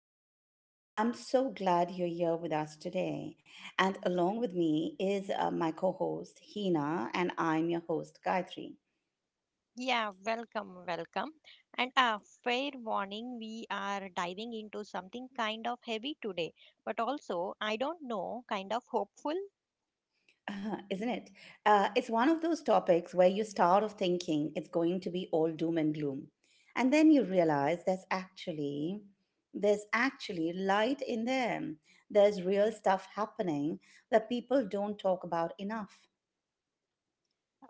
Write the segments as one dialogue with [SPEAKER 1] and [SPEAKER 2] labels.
[SPEAKER 1] episode. I'm so glad you're here with us today. And along with me is my co host, Hina, and I'm your host, Gayatri.
[SPEAKER 2] Yeah, welcome, welcome. And a fair warning, we are diving into something kind of heavy today, but also, I don't know, kind of hopeful.
[SPEAKER 1] Isn't it? It's one of those topics where you start off thinking it's going to be all doom and gloom. And then you realize there's actually light in them. There's real stuff happening that people don't talk about enough.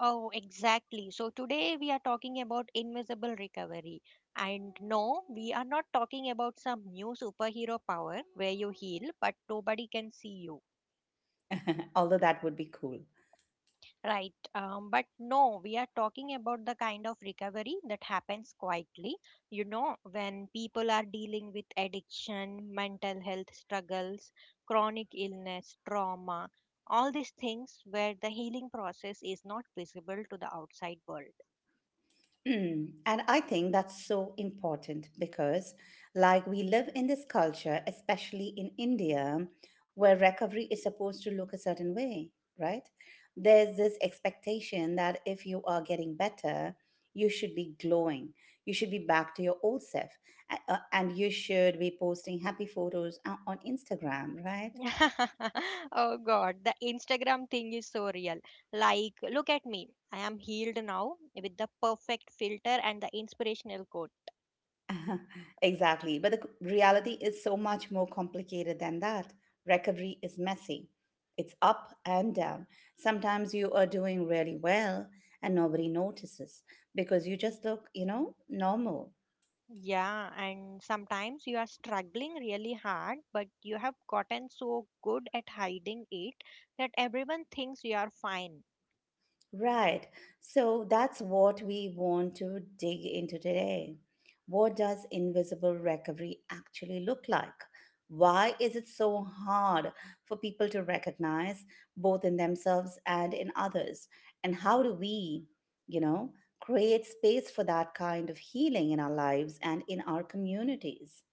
[SPEAKER 2] Oh, exactly. So, today we are talking about invisible recovery. And no, we are not talking about some new superhero power where you heal but nobody can see you.
[SPEAKER 1] Although that would be cool.
[SPEAKER 2] Right. But no, we are talking about the kind of recovery that happens quietly. You know, when people are dealing with addiction, mental health struggles, chronic illness, trauma, all these things where the healing process is not visible to the outside world.
[SPEAKER 1] Mm. And I think that's so important because, like, we live in this culture, especially in India, where recovery is supposed to look a certain way, right? There's this expectation that if you are getting better, you should be glowing, you should be back to your old self, and you should be posting happy photos on Instagram, right?
[SPEAKER 2] Oh God, the Instagram thing is so real. Like, look at me. I am healed now with the perfect filter and the inspirational quote.
[SPEAKER 1] Exactly. But reality is so much more complicated than that. Recovery is messy, it's up and down. Sometimes you are doing really well and nobody notices because you just look, normal.
[SPEAKER 2] Yeah, and sometimes you are struggling really hard, but you have gotten so good at hiding it that everyone thinks you are fine.
[SPEAKER 1] Right. So that's what we want to dig into today. What does invisible recovery actually look like? Why is it so hard for people to recognize both in themselves and in others? And how do we, you know, create space for that kind of healing in our lives and in our communities?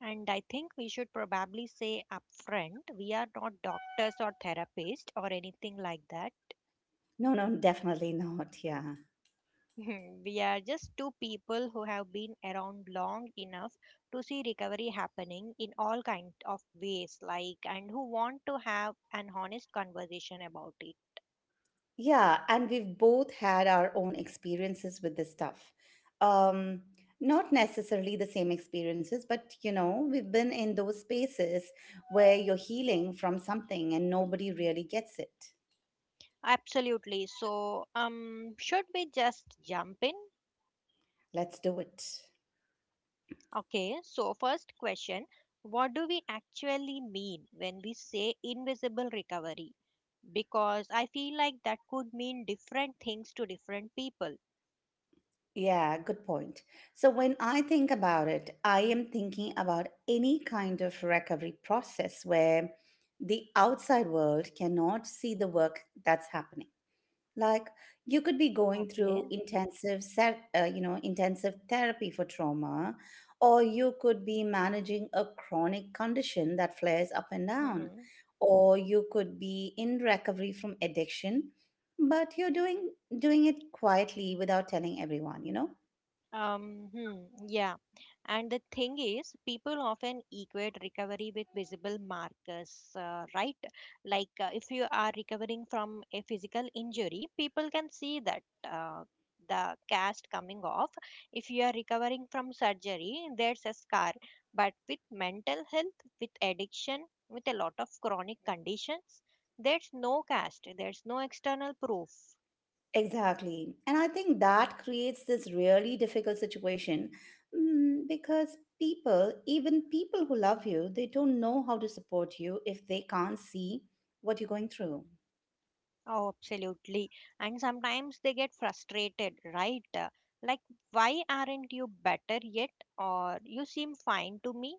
[SPEAKER 2] And I think we should probably say upfront, we are not doctors or therapists or anything like that.
[SPEAKER 1] No, no, definitely not. Yeah.
[SPEAKER 2] We are just two people who have been around long enough to see recovery happening in all kinds of ways, like, and who want to have an honest conversation about it.
[SPEAKER 1] Yeah, and we've both had our own experiences with this stuff. Um, Not necessarily the same experiences, but you know, we've been in those spaces where you're healing from something and nobody really gets it.
[SPEAKER 2] Absolutely. So, should we just jump in?
[SPEAKER 1] Let's do it.
[SPEAKER 2] Okay, so first question, what do we actually mean when we say invisible recovery? Because I feel like that could mean different things to different people.
[SPEAKER 1] Yeah, good point. So when I think about it, I am thinking about any kind of recovery process where the outside world cannot see the work that's happening. Like you could be going through
[SPEAKER 2] Okay.
[SPEAKER 1] you know, intensive therapy for trauma, or you could be managing a chronic condition that flares up and down,
[SPEAKER 2] Hmm.
[SPEAKER 1] or you could be in recovery from addiction, but you're doing it quietly without telling everyone, you know?
[SPEAKER 2] Yeah. And the thing is, people often equate recovery with visible markers, right? Like if you are recovering from a physical injury, people can see that uh, the cast coming off. If you are recovering from surgery, there's a scar. But with mental health, with addiction, with a lot of chronic conditions, there's no cast, there's no external proof.
[SPEAKER 1] Exactly. And I think that creates this really difficult situation mm, because people, even people who love you, they don't know how to support you if they can't see what you're going through.
[SPEAKER 2] Oh, absolutely. And sometimes they get frustrated, right? Like, why aren't you better yet? Or you seem fine to me?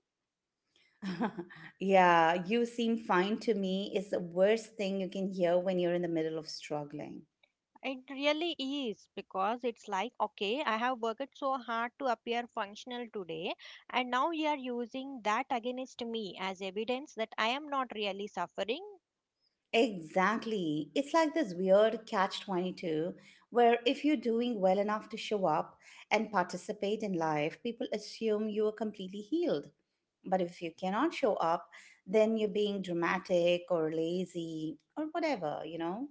[SPEAKER 1] Yeah, you seem fine to me is the worst thing you can hear when you're in the middle of struggling.
[SPEAKER 2] It really is because it's like, okay, I have worked so hard to appear functional today, and now you are using that against me as evidence that I am not really suffering.
[SPEAKER 1] Exactly. It's like this weird catch 22 where if you're doing well enough to show up and participate in life, people assume you are completely healed. But if you cannot show up, then you're being dramatic or lazy or whatever, you know?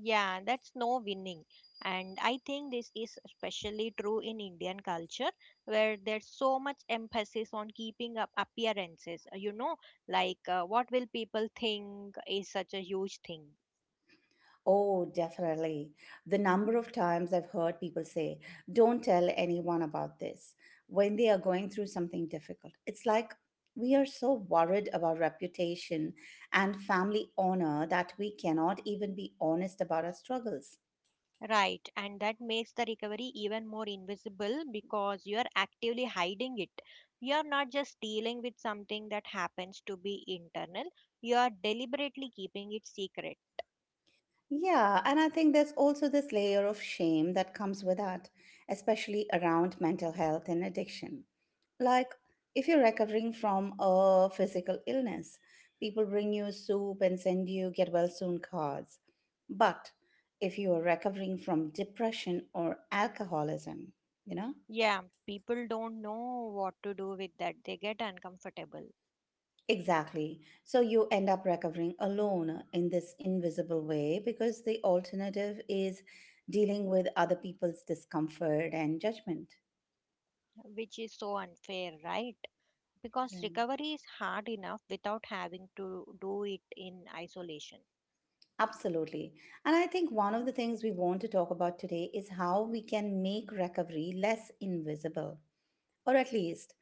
[SPEAKER 2] Yeah, that's no winning. And I think this is especially true in Indian culture, where there's so much emphasis on keeping up appearances. You know, like what will people think is such a huge thing.
[SPEAKER 1] Oh, definitely. The number of times I've heard people say, don't tell anyone about this when they are going through something difficult. It's like we are so worried about reputation and family honor that we cannot even be honest about our struggles.
[SPEAKER 2] Right, and that makes the recovery even more invisible because you are actively hiding it. You are not just dealing with something that happens to be internal, you are deliberately keeping it secret.
[SPEAKER 1] Yeah, and I think there's also this layer of shame that comes with that, especially around mental health and addiction. Like, if you're recovering from a physical illness, people bring you soup and send you get well soon cards. But if you are recovering from depression or alcoholism, you know,
[SPEAKER 2] Yeah, people don't know what to do with that. They get uncomfortable,
[SPEAKER 1] exactly. So you end up recovering alone in this invisible way because the alternative is dealing with other people's discomfort and judgment.
[SPEAKER 2] which is so unfair, right? Because
[SPEAKER 1] Yeah,
[SPEAKER 2] recovery is hard enough without having to do it in isolation.
[SPEAKER 1] absolutely. And I think one of the things we want to talk about today is how we can make recovery less invisible, or at least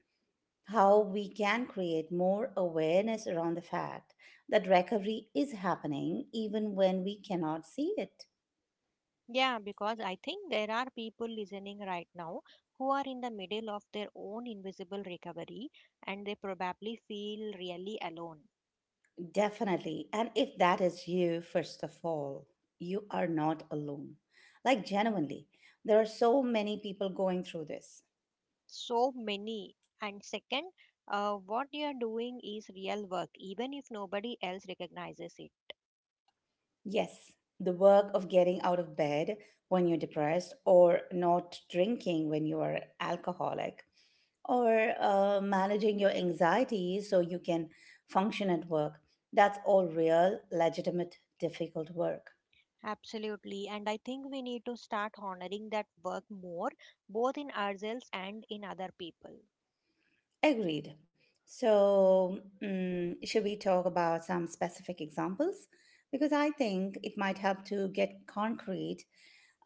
[SPEAKER 1] how we can create more awareness around the fact that recovery is happening even when we cannot see it.
[SPEAKER 2] Yeah, because I think there are people listening right now who are in the middle of their own invisible recovery and they probably feel really alone.
[SPEAKER 1] Definitely. And if that is you, first of all, you are not alone. Like, genuinely, there are so many people going through this.
[SPEAKER 2] So many. And second, what you are doing is real work, even if nobody else recognizes it.
[SPEAKER 1] Yes, the work of getting out of bed when you're depressed, or not drinking when you are alcoholic, or managing your anxiety so you can function at work. That's all real, legitimate, difficult work.
[SPEAKER 2] Absolutely. And I think we need to start honoring that work more, both in ourselves and in other people.
[SPEAKER 1] Agreed. So, mm, should we talk about some specific examples? Because I think it might help to get concrete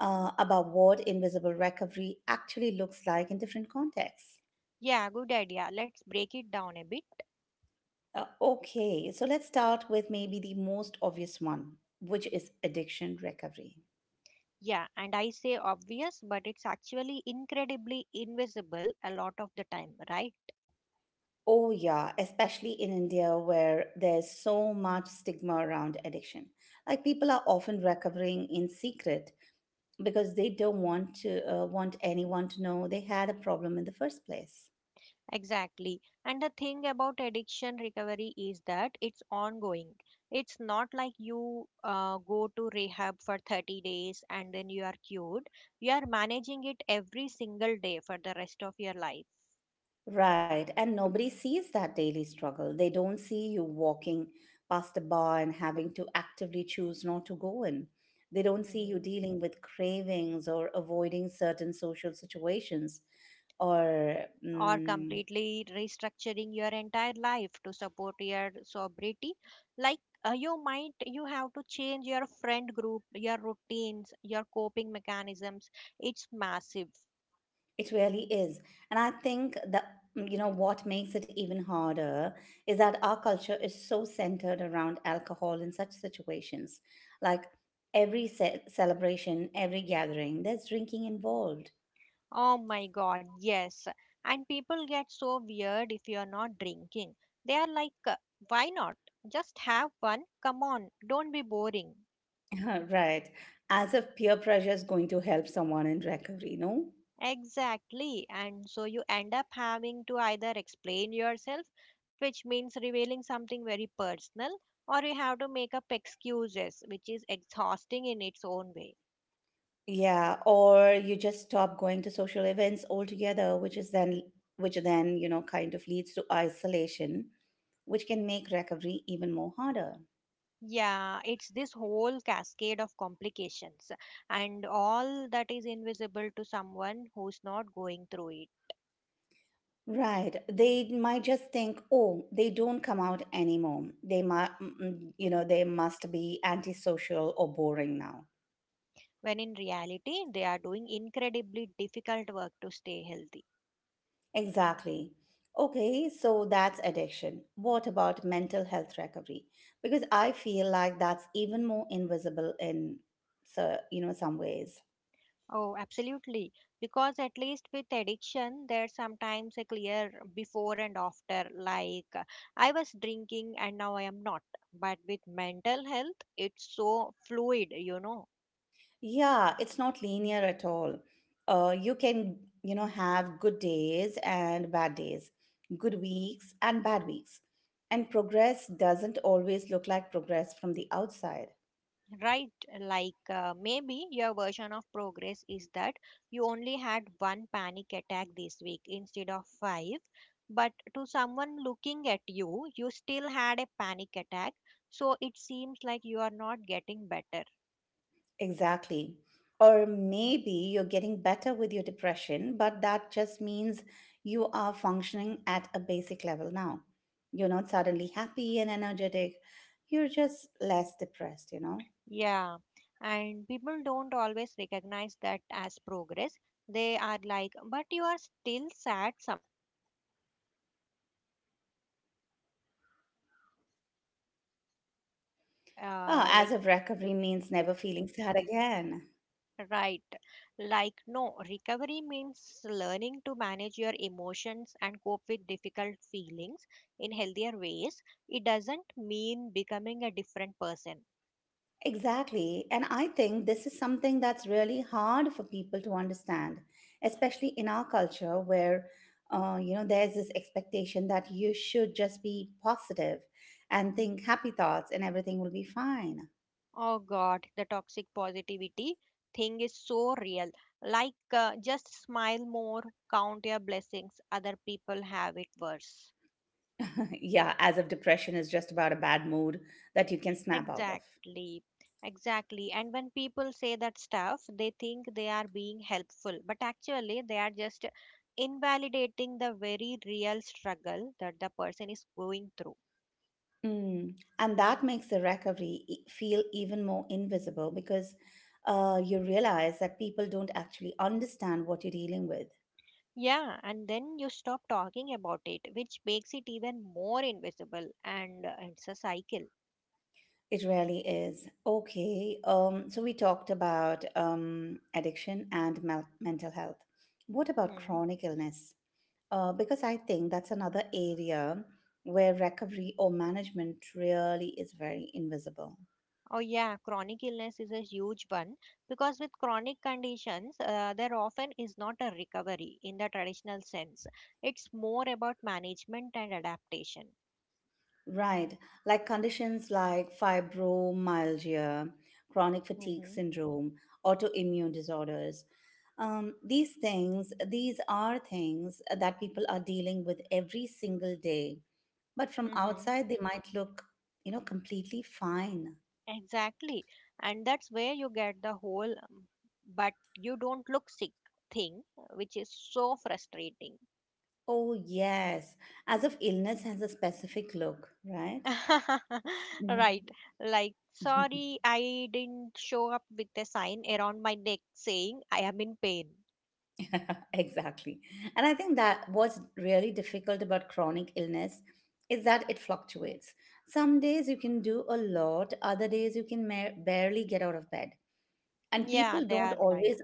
[SPEAKER 1] about what invisible recovery actually looks like in different contexts.
[SPEAKER 2] Yeah, good idea. Let's break it down a bit.
[SPEAKER 1] Okay, so let's start with maybe the most obvious one, which is addiction recovery.
[SPEAKER 2] Yeah, and I say obvious, but it's actually incredibly invisible a lot of the time, right?
[SPEAKER 1] Oh, yeah, especially in India where there's so much stigma around addiction. Like people are often recovering in secret because they don't want anyone to know they had a problem in the first place.
[SPEAKER 2] Exactly. And the thing about addiction recovery is that it's ongoing. It's not like you go to rehab for 30 days and then you are cured. You are managing it every single day for the rest of your life.
[SPEAKER 1] Right, and nobody sees that daily struggle. They don't see you walking past a bar and having to actively choose not to go in. They don't see you
[SPEAKER 2] Hmm.
[SPEAKER 1] dealing with cravings or avoiding certain social situations or
[SPEAKER 2] Or
[SPEAKER 1] mm.
[SPEAKER 2] completely restructuring your entire life to support your sobriety. Like you have to change your friend group, your routines, your coping mechanisms. It's massive.
[SPEAKER 1] It really is. And I think that, you know, what makes it even harder is that our culture is so centered around alcohol in such situations. Like every celebration, every gathering, there's drinking involved.
[SPEAKER 2] Oh my God, yes. And people get so weird if you're not drinking. They are like, why not, just have one, come on, don't be boring.
[SPEAKER 1] Right. As if peer pressure is going to help someone in recovery, no?
[SPEAKER 2] Exactly. And so you end up having to either explain yourself, which means revealing something very personal, or you have to make up excuses, which is exhausting in its own way.
[SPEAKER 1] Yeah, or you just stop going to social events altogether, which is then which then, you know, kind of leads to isolation, which can make recovery even more harder.
[SPEAKER 2] Yeah, it's this whole cascade of complications, and all that is invisible to someone who's not going through it,
[SPEAKER 1] Right. They might just think, oh, they don't come out anymore. They might, you know, they must be antisocial or boring now.
[SPEAKER 2] when in reality, they are doing incredibly difficult work to stay healthy.
[SPEAKER 1] Exactly. Okay, so that's addiction. What about mental health recovery? Because I feel like that's even more invisible in, so, you know, some ways.
[SPEAKER 2] Oh, absolutely. Because at least with addiction, there's sometimes a clear before and after. Like, I was drinking and now I am not. But with mental health, it's so fluid, you know,
[SPEAKER 1] Yeah, it's not linear at all. You can, you know, have good days and bad days, good weeks and bad weeks. And progress doesn't always look like progress from the outside.
[SPEAKER 2] right? Like, maybe your version of progress is that you only had one panic attack this week instead of five. But to someone looking at you, you still had a panic attack. So it seems like you are not getting better.
[SPEAKER 1] Exactly. Or maybe you're getting better with your depression, but that just means you are functioning at a basic level now. You're not suddenly happy and energetic. You're just less depressed, you know?
[SPEAKER 2] Yeah, and people don't always recognize that as progress. They are like, but you are still sad sometimes. So are you really better?
[SPEAKER 1] Oh,
[SPEAKER 2] Uh,
[SPEAKER 1] as
[SPEAKER 2] like,
[SPEAKER 1] of recovery means never feeling sad again.
[SPEAKER 2] right. Like, no, recovery means learning to manage your emotions and cope with difficult feelings in healthier ways. It doesn't mean becoming a different person.
[SPEAKER 1] Exactly. And I think this is something that's really hard for people to understand, especially in our culture where, you know, there's this expectation that you should just be positive and think happy thoughts and everything will be fine.
[SPEAKER 2] Oh God, the toxic positivity thing is so real. Like, just smile more, count your blessings. Other people have it worse.
[SPEAKER 1] Yeah, as if depression is just about a bad mood that you can snap out of.
[SPEAKER 2] Exactly, exactly. And when people say that stuff, they think they are being helpful, but actually, they are just invalidating the very real struggle that the person is going through.
[SPEAKER 1] Mm. And that makes the feel even more invisible because you realize that people don't actually understand what you're dealing with.
[SPEAKER 2] Yeah, and then you stop talking about it, which makes it even more invisible, and it's a cycle.
[SPEAKER 1] It really is. Okay. So we talked about addiction and mental health. What about
[SPEAKER 2] Hmm.
[SPEAKER 1] chronic illness? Because I think that's another area where recovery or management really is very invisible.
[SPEAKER 2] Oh, yeah, chronic illness is a huge one because with chronic conditions, there often is not a recovery in the traditional sense. It's more about management and adaptation.
[SPEAKER 1] Right. Like conditions like fibromyalgia, chronic fatigue
[SPEAKER 2] Mm-hmm.
[SPEAKER 1] syndrome, autoimmune disorders. These things, these are things that people are dealing with every single day. But from
[SPEAKER 2] Mm-hmm.
[SPEAKER 1] outside, they might look, you know, completely fine.
[SPEAKER 2] Exactly. And that's where you get the whole, but you don't look sick thing, which is so frustrating.
[SPEAKER 1] Oh, yes. As if illness has a specific look, right?
[SPEAKER 2] Right.
[SPEAKER 1] Mhm.
[SPEAKER 2] Like, sorry, I didn't show up with a sign around my neck saying I am in pain.
[SPEAKER 1] Exactly. And I think that what's really difficult about chronic illness is that it fluctuates. Some days you can do a lot, other days you can barely get out of bed. And
[SPEAKER 2] Yeah,
[SPEAKER 1] people
[SPEAKER 2] they
[SPEAKER 1] don't
[SPEAKER 2] are like.
[SPEAKER 1] always,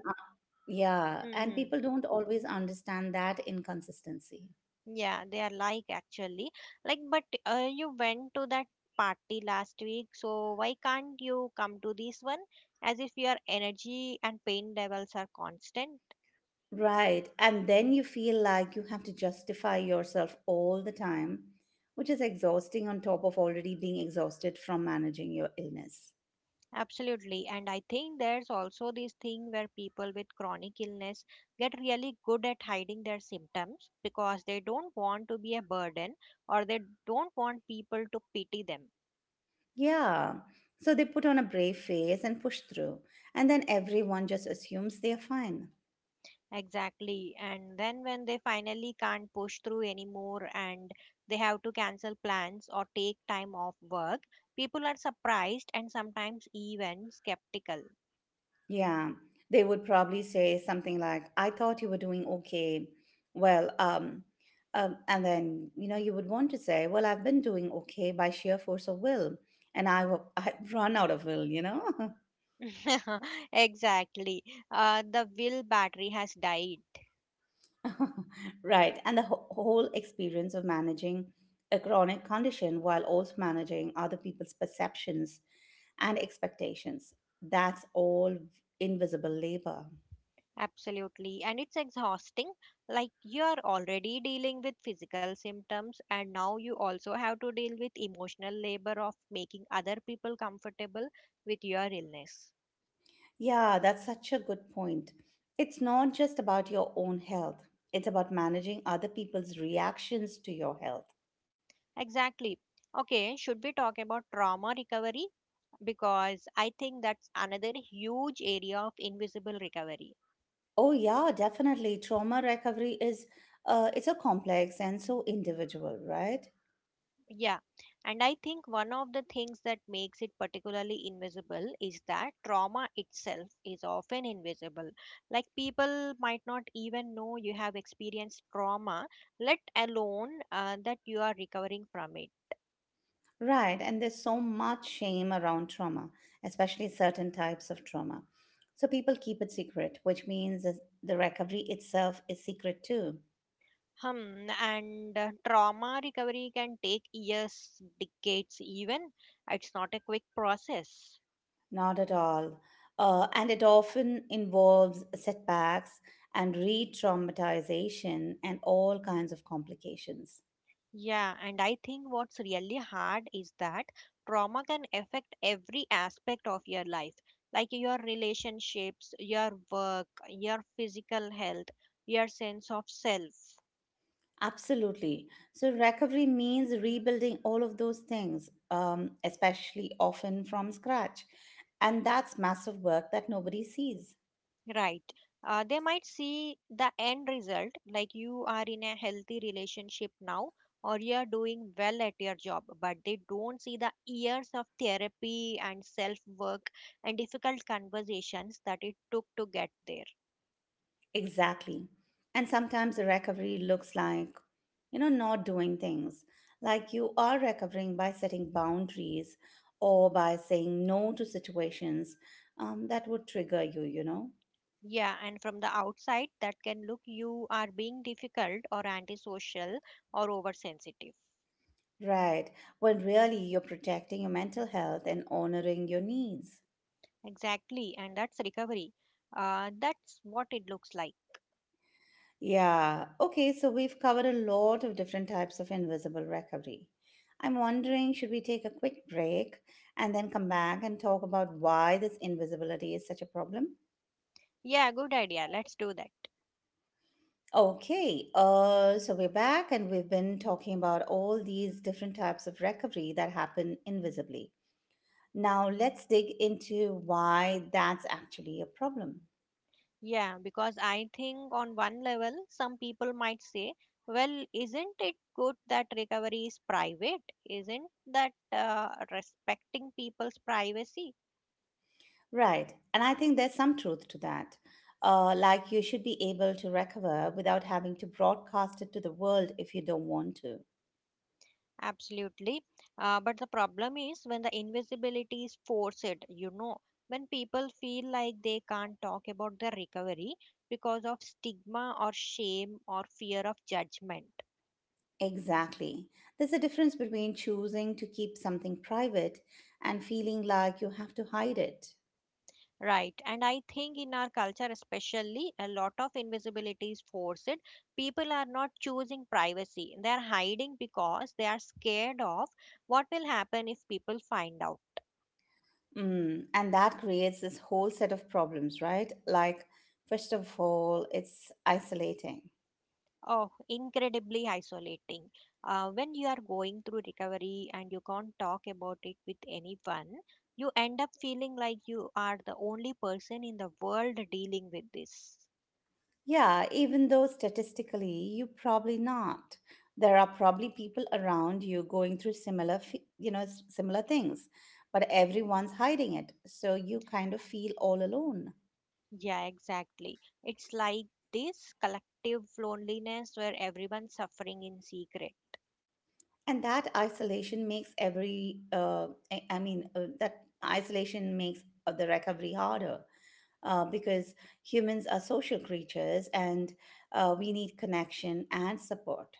[SPEAKER 1] yeah, and
[SPEAKER 2] Mm-hmm.
[SPEAKER 1] people don't always understand that inconsistency.
[SPEAKER 2] Yeah, they are like actually. Like, but you went to that party last week, so why can't you come to this one? As if your energy and pain levels are constant.
[SPEAKER 1] Right. And then you feel like you have to justify yourself all the time, which is exhausting on top of already being exhausted from managing your illness.
[SPEAKER 2] Absolutely. And I think there's also this thing where people with chronic illness get really good at hiding their symptoms because they don't want to be a burden or they don't want people to pity them.
[SPEAKER 1] Yeah. So they put on a brave face and push through, and then everyone just assumes they're fine.
[SPEAKER 2] Exactly. And then when they finally can't push through anymore and they have to cancel plans or take time off work, people are surprised and sometimes even skeptical.
[SPEAKER 1] Yeah. They would probably say something like, I thought you were doing okay. Well, um, and then, you know, you would want to say, well, I've been doing okay by sheer force of will, and I've run out of will, you know?
[SPEAKER 2] Exactly. The will battery has died.
[SPEAKER 1] Right. And the whole experience of managing a chronic condition while also managing other people's perceptions and expectations. That's all invisible labor.
[SPEAKER 2] Absolutely. And it's exhausting. Like you're already dealing with physical symptoms, and now you also have to deal with emotional labor of making other people comfortable with your illness.
[SPEAKER 1] Yeah, that's such a good point. It's not just about your own health, it's about managing other people's reactions to your health.
[SPEAKER 2] Exactly. Okay, should we talk about trauma recovery? Because I think that's another huge area of invisible recovery.
[SPEAKER 1] Oh yeah, definitely. Trauma recovery is it's a complex and so individual, right?
[SPEAKER 2] Yeah, and I think one of the things that makes it particularly invisible is that trauma itself is often invisible. Like people might not even know you have experienced trauma, let alone that you are recovering from it.
[SPEAKER 1] Right, and there's so much shame around trauma, especially certain types of trauma. So people keep it secret, which means that the recovery itself is secret too.
[SPEAKER 2] Hmm, and trauma recovery can take years, decades, even. It's not a quick process.
[SPEAKER 1] Not at all. And it often involves setbacks and re traumatization and all kinds of complications.
[SPEAKER 2] Yeah, and I think what's really hard is that trauma can affect every aspect of your life, like your relationships, your work, your physical health, your sense of self.
[SPEAKER 1] Absolutely. So, recovery means rebuilding all of those things, especially often from scratch. And that's massive work that nobody sees.
[SPEAKER 2] Right. They might see the end result, like you are in a healthy relationship now, or you are doing well at your job, but they don't see the years of therapy and self work and difficult conversations that it took to get there.
[SPEAKER 1] Exactly. And sometimes the recovery looks like, you know, not doing things. Like you are recovering by setting boundaries or by saying no to situations that would trigger you, you know?
[SPEAKER 2] Yeah, and from the outside, that can look you are being difficult or antisocial or oversensitive.
[SPEAKER 1] Right. When really you're protecting your mental health and honoring your needs.
[SPEAKER 2] Exactly, and that's recovery. That's what it looks like.
[SPEAKER 1] Yeah. Okay, so we've covered a lot of different types of invisible recovery. I'm wondering, should we take a quick break and then come back and talk about why this invisibility is such a problem?
[SPEAKER 2] Yeah, good idea. Let's do that.
[SPEAKER 1] Okay, so we're back and we've been talking about all these different types of recovery that happen invisibly. Now let's dig into why that's actually a problem.
[SPEAKER 2] Yeah, because I think on one level, some people might say, well, isn't it good that recovery is private? Isn't that respecting people's privacy?
[SPEAKER 1] Right, and I think there's some truth to that. Like you should be able to recover without having to broadcast it to the world if you don't want to.
[SPEAKER 2] Absolutely. But the problem is when the invisibility is forced, you know, when people feel like they can't talk about their recovery because of stigma or shame or fear of judgment.
[SPEAKER 1] Exactly. There's a difference between choosing to keep something private and feeling like you have to hide it.
[SPEAKER 2] Right, and I think in our culture, especially, a lot of invisibility is forced. People are not choosing privacy, they are hiding because they are scared of what will happen if people find out.
[SPEAKER 1] Mm, and that creates this whole set of problems, right? Like, first of all, it's isolating.
[SPEAKER 2] Oh, incredibly isolating. When you are going through recovery and you can't talk about it with anyone, you end up feeling like you are the only person in the world dealing with this.
[SPEAKER 1] Yeah, even though statistically you probably not. There are probably people around you going through similar things, but everyone's hiding it. So you kind of feel all alone.
[SPEAKER 2] Yeah, exactly. It's like this collective loneliness where everyone's suffering in secret.
[SPEAKER 1] And that isolation makes every I mean that isolation makes the recovery harder because humans are social creatures and we need connection and support.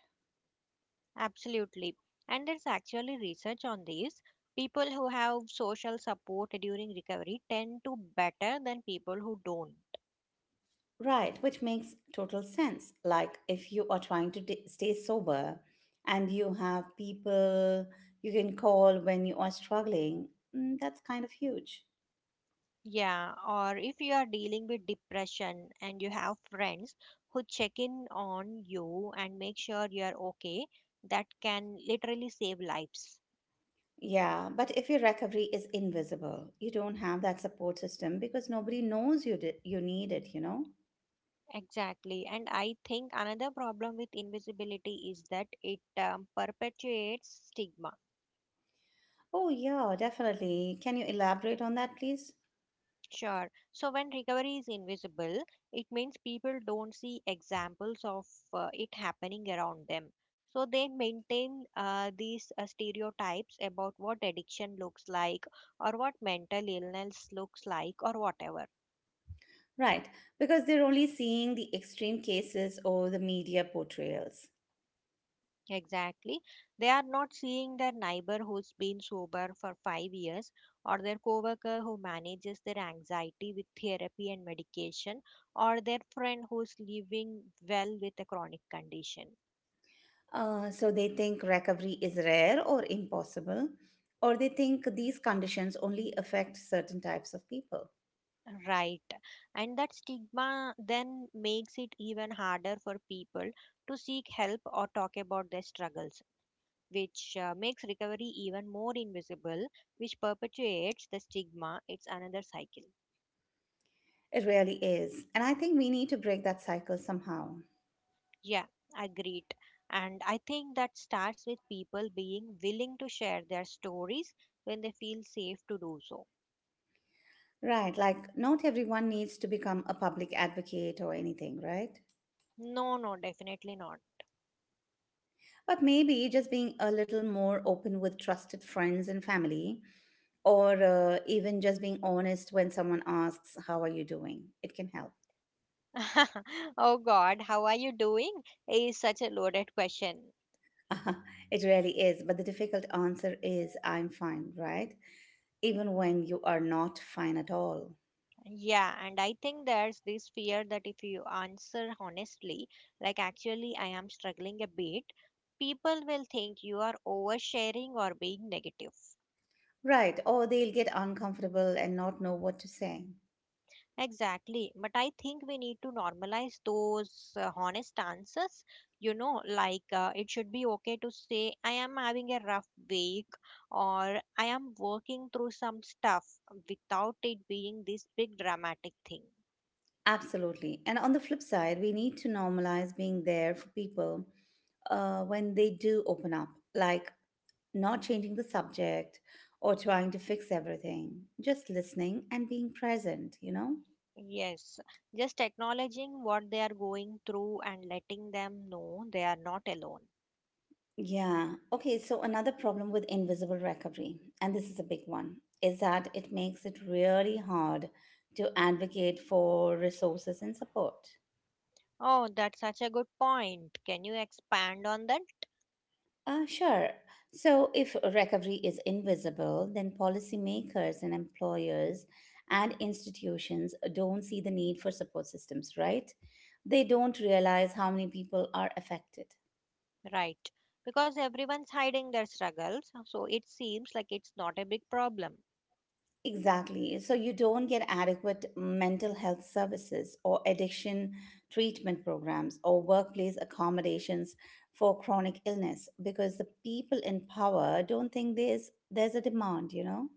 [SPEAKER 2] Absolutely. And there's actually research on this. People who have social support during recovery tend to better than people who don't.
[SPEAKER 1] Right, which makes total sense. Like if you are trying to stay sober and you have people you can call when you are struggling, mm, that's kind of huge.
[SPEAKER 2] Yeah, or if you are dealing with depression and you have friends who check in on you and make sure you are okay, that can literally save lives.
[SPEAKER 1] Yeah, but if your recovery is invisible, you don't have that support system because nobody knows you need it.
[SPEAKER 2] Exactly. And I think another problem with invisibility is that it perpetuates stigma.
[SPEAKER 1] Oh, yeah, definitely. Can you elaborate on that, please?
[SPEAKER 2] Sure. So when recovery is invisible, it means people don't see examples of it happening around them. So they maintain these stereotypes about what addiction looks like or what mental illness looks like or whatever.
[SPEAKER 1] Right, because they're only seeing the extreme cases or the media portrayals.
[SPEAKER 2] Exactly. They are not seeing their neighbor who's been sober for 5 years or their coworker who manages their anxiety with therapy and medication or their friend who's living well with a chronic condition.
[SPEAKER 1] So they think recovery is rare or impossible, or they think these conditions only affect certain types of people.
[SPEAKER 2] Right. And that stigma then makes it even harder for people to seek help or talk about their struggles, which makes recovery even more invisible, which perpetuates the stigma. It's another cycle.
[SPEAKER 1] It really is. And I think we need to break that cycle somehow.
[SPEAKER 2] Yeah, agreed. And I think that starts with people being willing to share their stories when they feel safe to do so.
[SPEAKER 1] Right, like not everyone needs to become a public advocate or anything, right?
[SPEAKER 2] No, no, definitely not.
[SPEAKER 1] But maybe just being a little more open with trusted friends and family, or even just being honest when someone asks, "How are you doing?" It can help.
[SPEAKER 2] Oh God, how are you doing? Is such a loaded question.
[SPEAKER 1] It really is. But the difficult answer is, I'm fine, right? Even when you are not fine at all.
[SPEAKER 2] Yeah, and I think there's this fear that if you answer honestly, like actually I am struggling a bit, people will think you are oversharing or being negative.
[SPEAKER 1] Right, or they'll get uncomfortable and not know what to say.
[SPEAKER 2] Exactly. But I think we need to normalize those honest answers. You know, like it should be okay to say, I am having a rough week or I am working through some stuff without it being this big dramatic thing.
[SPEAKER 1] Absolutely. And on the flip side, we need to normalize being there for people when they do open up, like not changing the subject or trying to fix everything. Just listening and being present, you know?
[SPEAKER 2] Yes. Just acknowledging what they are going through and letting them know they are not alone.
[SPEAKER 1] Yeah. Okay, so another problem with invisible recovery, and this is a big one, is that it makes it really hard to advocate for resources and support.
[SPEAKER 2] Oh, that's such a good point. Can you expand on that?
[SPEAKER 1] Sure. So, if recovery is invisible, then policymakers and employers and institutions don't see the need for support systems, right? They don't realize how many people are affected.
[SPEAKER 2] Right. Because everyone's hiding their struggles, so it seems like it's not a big problem.
[SPEAKER 1] Exactly. So, you don't get adequate mental health services or addiction treatment programs or workplace accommodations for chronic illness because the people in power don't think there's a demand, you know?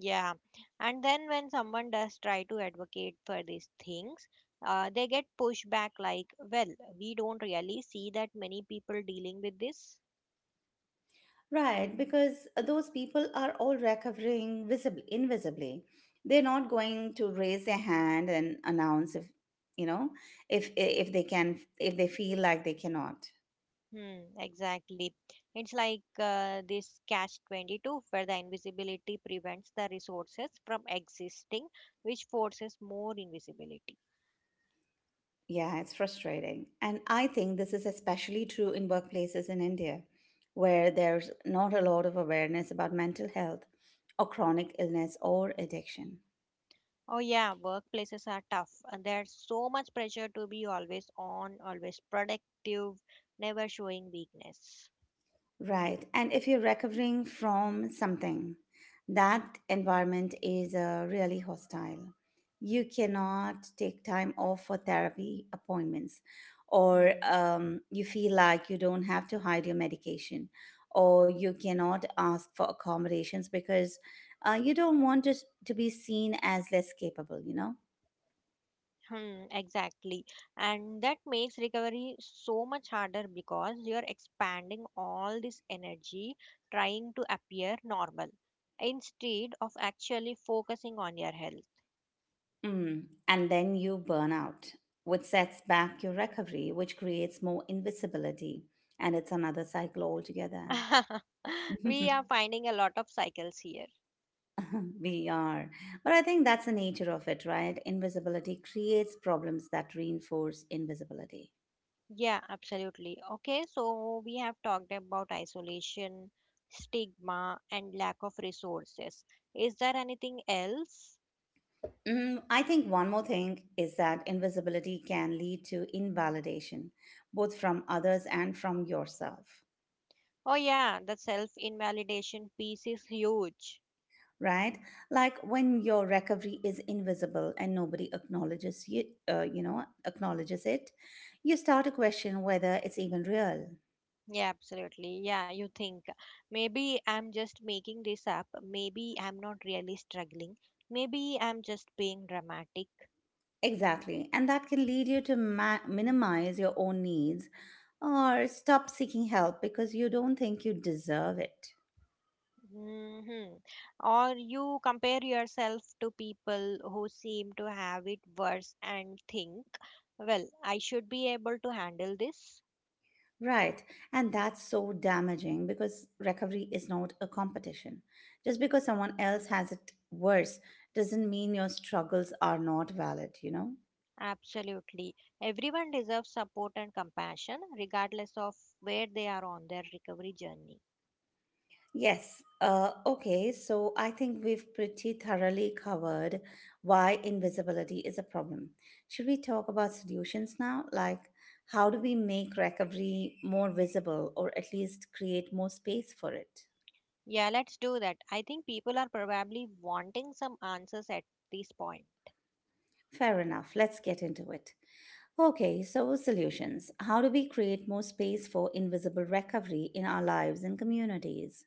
[SPEAKER 2] Yeah. And then when someone does try to advocate for these things, they get pushed back like, well, we don't really see that many people dealing with this.
[SPEAKER 1] Right, because those people are all recovering visibly, invisibly. They're not going to raise their hand and announce if, you know, if they can, if they feel like they cannot.
[SPEAKER 2] Hmm, exactly. It's like this catch 22 where the invisibility prevents the resources from existing, which forces more invisibility.
[SPEAKER 1] Yeah, it's frustrating. And I think this is especially true in workplaces in India, where there's not a lot of awareness about mental health or chronic illness or addiction.
[SPEAKER 2] Oh yeah, workplaces are tough. And there's so much pressure to be always on, always productive, never showing weakness.
[SPEAKER 1] Right. And if you're recovering from something, that environment is really hostile. You cannot take time off for therapy appointments, or
[SPEAKER 2] Hmm.
[SPEAKER 1] you feel like you don't have to hide your medication, or you cannot ask for accommodations because you don't want to be seen as less capable, you know?
[SPEAKER 2] Hmm, exactly. And that makes recovery so much harder because you're expanding all this energy trying to appear normal instead of actually focusing on your health.
[SPEAKER 1] Mm. And then you burn out, which sets back your recovery, which creates more invisibility. And it's another cycle altogether.
[SPEAKER 2] We are finding a lot of cycles here.
[SPEAKER 1] We are. But I think that's the nature of it, right? Invisibility creates problems that reinforce invisibility.
[SPEAKER 2] Yeah, absolutely. Okay, so we have talked about isolation, stigma, and lack of resources. Is there anything else?
[SPEAKER 1] Mm, I think one more thing is that invisibility can lead to invalidation, both from others and from yourself.
[SPEAKER 2] Oh, yeah, the self invalidation piece is huge.
[SPEAKER 1] Right, like when your recovery is invisible and nobody acknowledges you you know acknowledges it, you start to question whether it's even real.
[SPEAKER 2] Yeah, absolutely. Yeah, you think maybe I'm just making this up. Maybe I'm not really struggling. Maybe I'm just being dramatic.
[SPEAKER 1] Exactly, and that can lead you to minimize your own needs or stop seeking help because you don't think you deserve it.
[SPEAKER 2] Hmm. Or you compare yourself to people who seem to have it worse and think, well, I should be able to handle this.
[SPEAKER 1] Right. And that's so damaging because recovery is not a competition. Just because someone else has it worse doesn't mean your struggles are not valid, you know.
[SPEAKER 2] Absolutely. Everyone deserves support and compassion, regardless of where they are on their recovery journey.
[SPEAKER 1] Yes. Okay. So I think we've pretty thoroughly covered why invisibility is a problem. Should we talk about solutions now? Like, how do we make recovery more visible or at least create more space for it?
[SPEAKER 2] Yeah, let's do that. I think people are probably wanting some answers at this point.
[SPEAKER 1] Fair enough. Let's get into it. Okay. So, solutions. How do we create more space for invisible recovery in our lives and communities?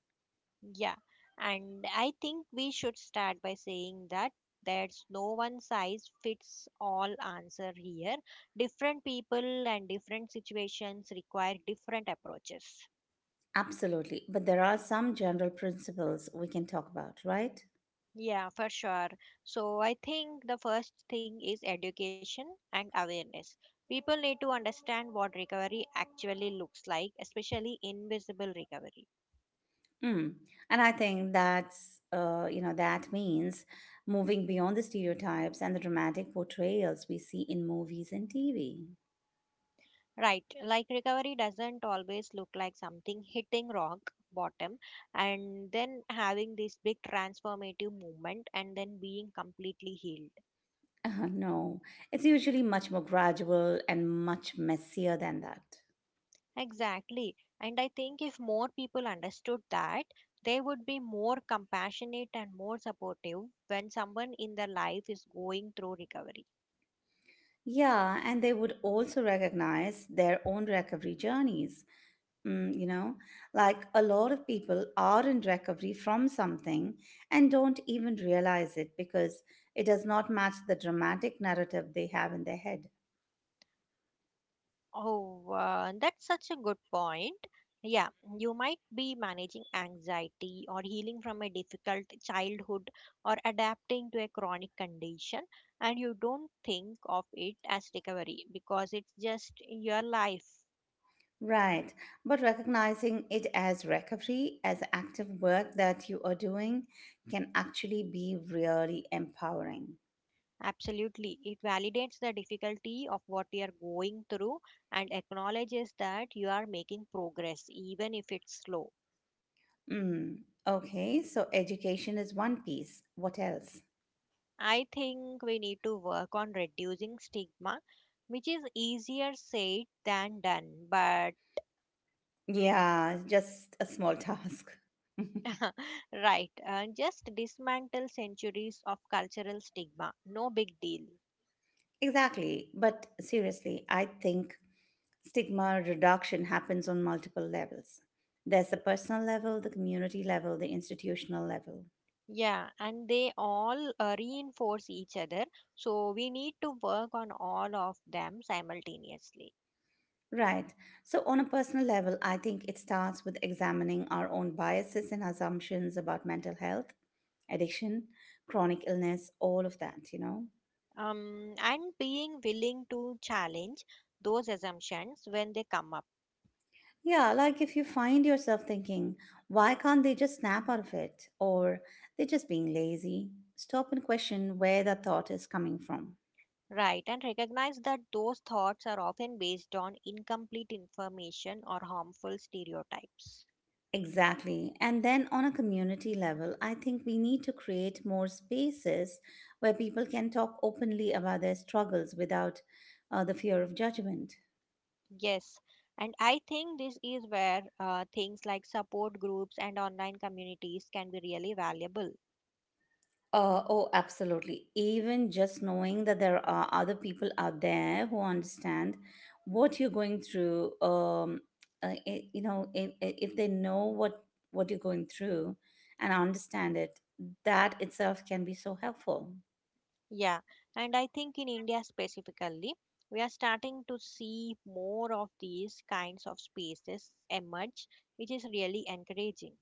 [SPEAKER 2] Yeah, and I think we should start by saying that there's no one size fits all answer here. Different people and different situations require different approaches.
[SPEAKER 1] Absolutely. But there are some general principles we can talk about, right?
[SPEAKER 2] Yeah, for sure. So I think the first thing is education and awareness. People need to understand what recovery actually looks like, especially invisible recovery.
[SPEAKER 1] Mm. And I think that's, you know, that means moving beyond the stereotypes and the dramatic portrayals we see in movies and TV.
[SPEAKER 2] Right, like recovery doesn't always look like something hitting rock bottom and then having this big transformative movement and then being completely healed.
[SPEAKER 1] No, it's usually much more gradual and much messier than that.
[SPEAKER 2] Exactly. And I think if more people understood that, they would be more compassionate and more supportive when someone in their life is going through recovery.
[SPEAKER 1] Yeah, and they would also recognize their own recovery journeys. Mm, you know, like a lot of people are in recovery from something and don't even realize it because it does not match the dramatic narrative they have in their head.
[SPEAKER 2] Oh, that's such a good point. Yeah, you might be managing anxiety or healing from a difficult childhood or adapting to a chronic condition, and you don't think of it as recovery because it's just your life.
[SPEAKER 1] Right. But recognizing it as recovery, as active work that you are doing, can actually be really empowering.
[SPEAKER 2] Absolutely. It validates the difficulty of what you are going through and acknowledges that you are making progress, even if it's slow.
[SPEAKER 1] Mm. Okay, so education is one piece. What else?
[SPEAKER 2] I think we need to work on reducing stigma, which is easier said than done. But
[SPEAKER 1] Yeah, just a small task.
[SPEAKER 2] right, just dismantle centuries of cultural stigma. No big deal.
[SPEAKER 1] Exactly. But seriously, I think stigma reduction happens on multiple levels. There's the personal level, the community level, the institutional level.
[SPEAKER 2] Yeah, and they all reinforce each other. So we need to work on all of them simultaneously.
[SPEAKER 1] Right. So, on a personal level, I think it starts with examining our own biases and assumptions about mental health, addiction, chronic illness, all of that, you know?
[SPEAKER 2] And being willing to challenge those assumptions when they come up.
[SPEAKER 1] Yeah, like if you find yourself thinking, why can't they just snap out of it? Or they're just being lazy, stop and question where that thought is coming from.
[SPEAKER 2] Right, and recognize that those thoughts are often based on incomplete information or harmful stereotypes.
[SPEAKER 1] Exactly. And then on a community level, I think we need to create more spaces where people can talk openly about their struggles without the fear of judgment.
[SPEAKER 2] Yes, and I think this is where things like support groups and online communities can be really valuable.
[SPEAKER 1] Oh, absolutely. Even just knowing that there are other people out there who understand what you're going through, you know, if they know what you're going through and understand it, that itself can be so helpful.
[SPEAKER 2] Yeah, and I think in India specifically, we are starting to see more of these kinds of spaces emerge, which is really encouraging.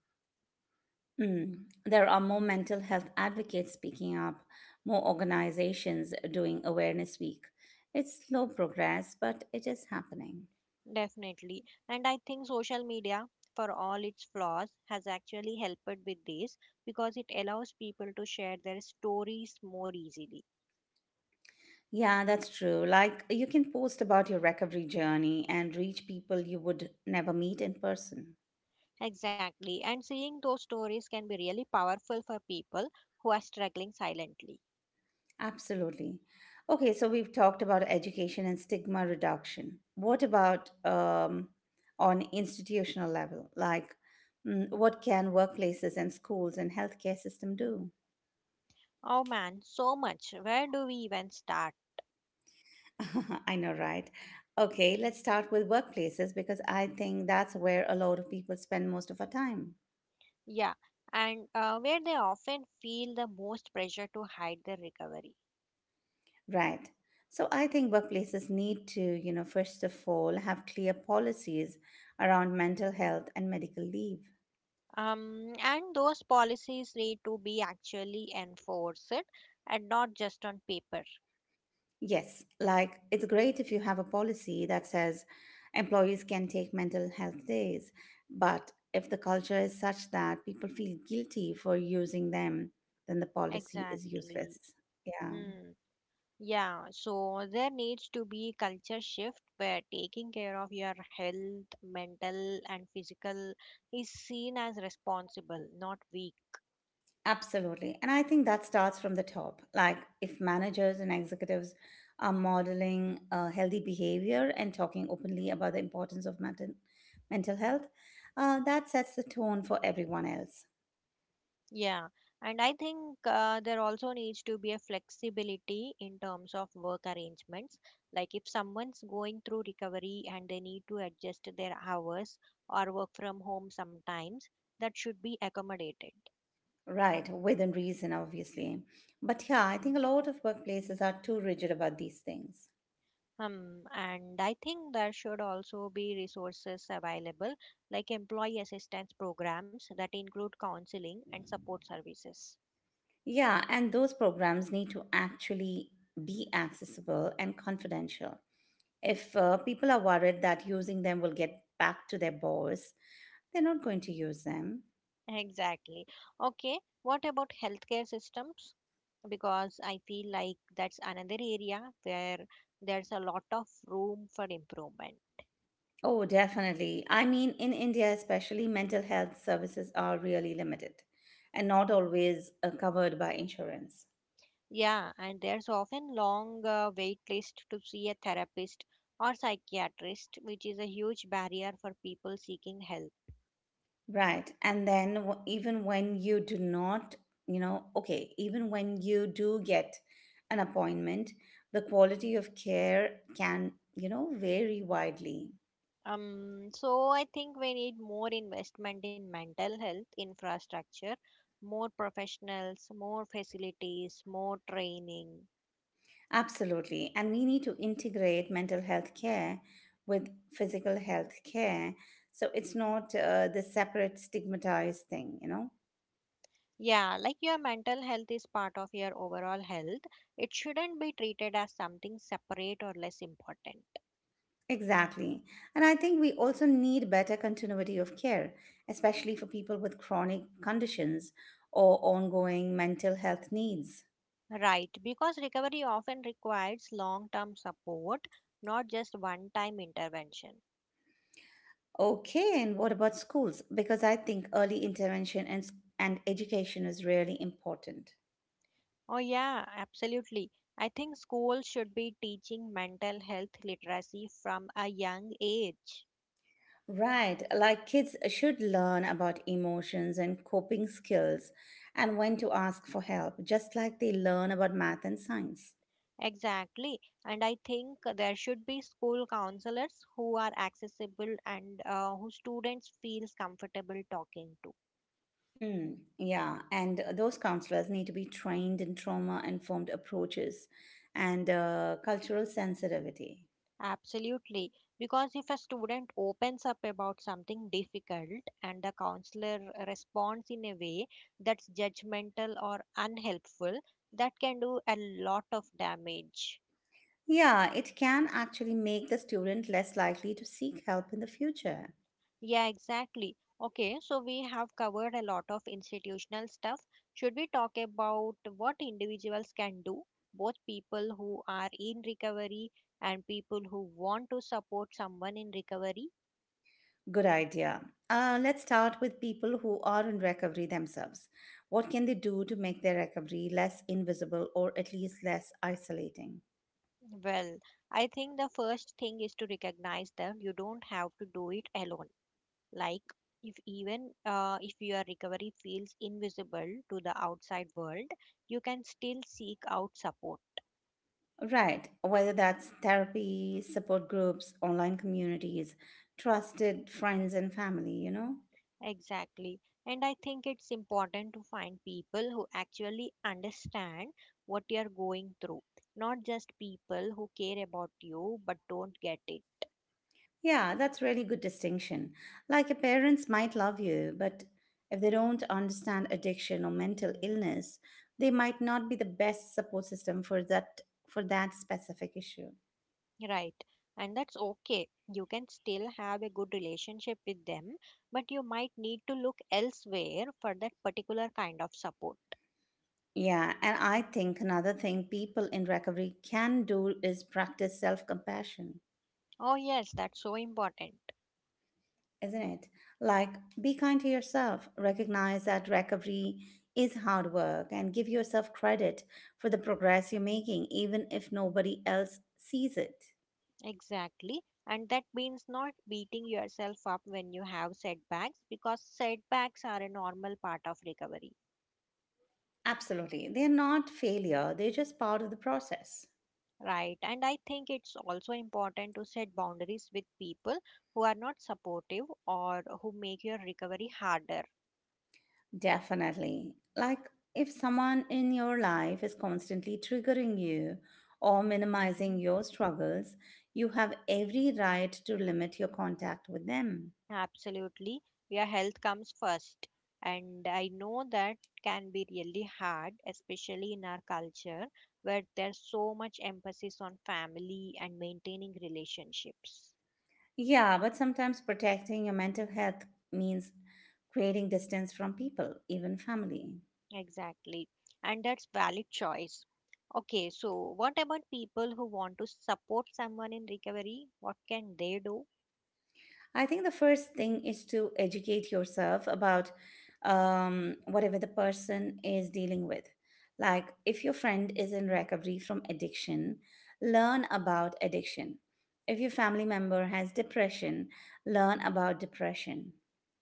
[SPEAKER 1] Mm. There are more mental health advocates speaking up, more organizations doing Awareness Week. It's slow progress, but it is happening.
[SPEAKER 2] Definitely. And I think social media, for all its flaws, has actually helped with this because it allows people to share their stories more easily.
[SPEAKER 1] Yeah, that's true. Like, you can post about your recovery journey and reach people you would never meet in person.
[SPEAKER 2] Exactly. And seeing those stories can be really powerful for people who are struggling silently.
[SPEAKER 1] Absolutely. Okay, so we've talked about education and stigma reduction. What about on institutional level? Like, mm, what can workplaces and schools and healthcare system do?
[SPEAKER 2] Oh man, so much. Where do we even start?
[SPEAKER 1] I know, right? Okay, let's start with workplaces because I think that's where a lot of people spend most of our time.
[SPEAKER 2] Yeah. And where they often feel the most pressure to hide their recovery.
[SPEAKER 1] Right. So I think workplaces need to, you know, first of all, have clear policies around mental health and medical leave.
[SPEAKER 2] And those policies need to be actually enforced and not just on paper.
[SPEAKER 1] Yes, like it's great if you have a policy that says employees can take mental health days, but if the culture is such that people feel guilty for using them, then the policy is
[SPEAKER 2] Exactly.
[SPEAKER 1] useless. Yeah.
[SPEAKER 2] Hmm. Yeah, so there needs to be culture shift where taking care of your health, mental and physical is seen as responsible, not weak.
[SPEAKER 1] Absolutely. And I think that starts from the top. Like, if managers and executives are modeling healthy behavior and talking openly about the importance of mental health, that sets the tone for everyone else.
[SPEAKER 2] Yeah, and I think there also needs to be a flexibility in terms of work arrangements. Like if someone's going through recovery and they need to adjust their hours or work from home sometimes, that should be accommodated.
[SPEAKER 1] Right, within reason, obviously. But yeah, I think a lot of workplaces are too rigid about these things.
[SPEAKER 2] And I think there should also be resources available, like employee assistance programs that include counseling and support services.
[SPEAKER 1] Yeah, and those programs need to actually be accessible and confidential. If people are worried that using them will get back to their boss, they're not going to use them.
[SPEAKER 2] Exactly. Okay, what about healthcare systems? Because I feel like that's another area where there's a lot of room for improvement.
[SPEAKER 1] Oh, definitely. I mean, in India, especially, mental health services are really limited and not always covered by insurance.
[SPEAKER 2] Yeah, and there's often long wait list to see a therapist or psychiatrist, which is a huge barrier for people seeking help.
[SPEAKER 1] Right. And even when you do not, you know, okay, even when you do get an appointment, the quality of care can, you know, vary widely.
[SPEAKER 2] So I think we need more investment in mental health infrastructure, more professionals, more facilities, more training.
[SPEAKER 1] Absolutely. And we need to integrate mental health care with physical health care. So it's not the separate stigmatized thing, you know?
[SPEAKER 2] Yeah, like your mental health is part of your overall health. It shouldn't be treated as something separate or less important.
[SPEAKER 1] Exactly. And I think we also need better continuity of care, especially for people with chronic conditions or ongoing mental health needs.
[SPEAKER 2] Right, because recovery often requires long term support, not just one time intervention.
[SPEAKER 1] Okay, and what about schools? Because I think early intervention and education is really important.
[SPEAKER 2] Oh, yeah, absolutely. I think schools should be teaching mental health literacy from a young age.
[SPEAKER 1] Right, like kids should learn about emotions and coping skills and when to ask for help, just like they learn about math and science.
[SPEAKER 2] Exactly. And I think there should be school counselors who are accessible and who students feels comfortable talking to.
[SPEAKER 1] Hmm, yeah, and those counselors need to be trained in trauma informed approaches and cultural sensitivity.
[SPEAKER 2] Absolutely. Because if a student opens up about something difficult and the counselor responds in a way that's judgmental or unhelpful, that can do a lot of damage.
[SPEAKER 1] Yeah, it can actually make the student less likely to seek help in the future.
[SPEAKER 2] Yeah, exactly. Okay, so we have covered a lot of institutional stuff. Should we talk about what individuals can do? Both people who are in recovery and people who want to support someone in recovery.
[SPEAKER 1] Good idea. Let's start with people who are in recovery themselves. What can they do to make their recovery less invisible or at least less isolating?
[SPEAKER 2] Well, I think the first thing is to recognize them. You don't have to do it alone. Like, if even if your recovery feels invisible to the outside world, you can still seek out support.
[SPEAKER 1] Right, whether that's therapy, support groups, online communities, trusted friends and family, you know?
[SPEAKER 2] Exactly. And I think it's important to find people who actually understand what you're going through, not just people who care about you but don't get it.
[SPEAKER 1] Yeah, that's really good distinction. Like your parents might love you, but if they don't understand addiction or mental
[SPEAKER 2] Hmm.
[SPEAKER 1] illness, they might not be the best support system for that specific issue.
[SPEAKER 2] Right. And that's okay. You can still have a good relationship with them, but you might need to look elsewhere for that particular kind of support.
[SPEAKER 1] Yeah, and I think another thing people in recovery can do is practice self compassion,
[SPEAKER 2] Oh, yes, that's so important.
[SPEAKER 1] isn't it? Like, be kind to yourself, recognize that recovery is hard work, and give yourself credit for the progress you're making, even if nobody else sees it.
[SPEAKER 2] Exactly. And that means not beating yourself up when you have setbacks because setbacks are a normal part of recovery.
[SPEAKER 1] Absolutely. They're not failure, they're just part of the process.
[SPEAKER 2] Right. And I think it's also important to set boundaries with people who are not supportive or who make your recovery harder.
[SPEAKER 1] Definitely. Like if someone in your life is constantly triggering you or minimizing
[SPEAKER 2] Hmm.
[SPEAKER 1] your struggles, you have every right to limit your contact with them.
[SPEAKER 2] Absolutely. Your health comes first. And I know that can be really hard, especially in our culture where there's so much emphasis on family and maintaining relationships.
[SPEAKER 1] Yeah, but sometimes protecting your mental health means creating distance from people, even family.
[SPEAKER 2] Exactly. And that's valid choice. Okay, so what about people who want to support someone in recovery? What can they do?
[SPEAKER 1] I think the first thing is to educate yourself about whatever the person is dealing with. Like, if your friend is in recovery from addiction, learn about addiction. If your family member has depression, learn about depression.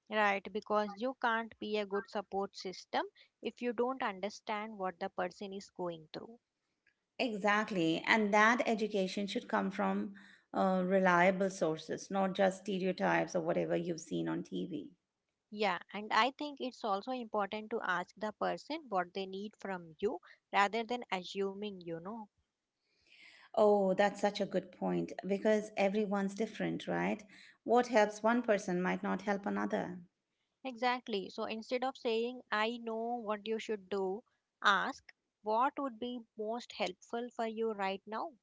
[SPEAKER 2] Right, because you can't be a good support system if you don't understand what the person is going through.
[SPEAKER 1] Exactly. And that education should come from reliable sources, not just stereotypes or whatever you've seen on TV.
[SPEAKER 2] Yeah, and I think it's also important to ask the person what they need from you rather than assuming you know.
[SPEAKER 1] Oh, that's such a good point because everyone's different, right? What helps one person might not help another.
[SPEAKER 2] Exactly. So instead of saying, I know what you should do, ask what would be most helpful for you right now.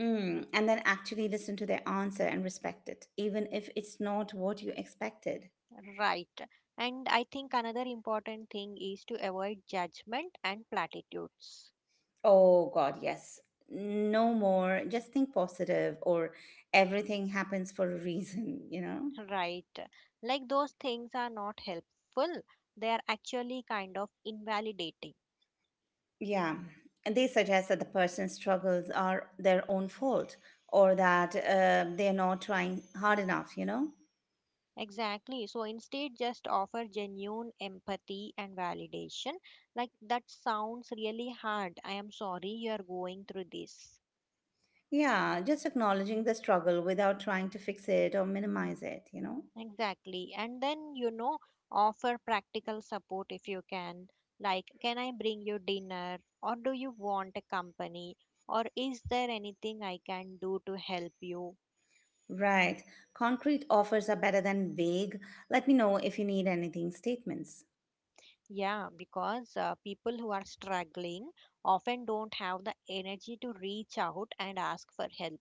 [SPEAKER 1] Mm, and then actually listen to their answer and respect it, even if it's not what you expected.
[SPEAKER 2] Right. And I think another important thing is to avoid judgment and platitudes.
[SPEAKER 1] Oh, God, yes. No more. Just think positive or everything happens for a reason, you know?
[SPEAKER 2] Right. Like those things are not helpful, they are actually kind of invalidating.
[SPEAKER 1] Yeah. And they suggest that the person's struggles are their own fault or that they're not trying hard enough, you know?
[SPEAKER 2] Exactly. So instead, just offer genuine empathy and validation. Like, that sounds really hard. I am sorry you are going through this.
[SPEAKER 1] Yeah, just acknowledging the struggle without trying to fix it or minimize it, you know?
[SPEAKER 2] Exactly. And then, you know, offer practical support if you can. Like, can I bring you dinner? Or do you want a company? Or is there anything I can do to help you?
[SPEAKER 1] Right. Concrete offers are better than vague. Let me know if you need anything statements.
[SPEAKER 2] Yeah, because people who are struggling often don't have the energy to reach out and ask for help.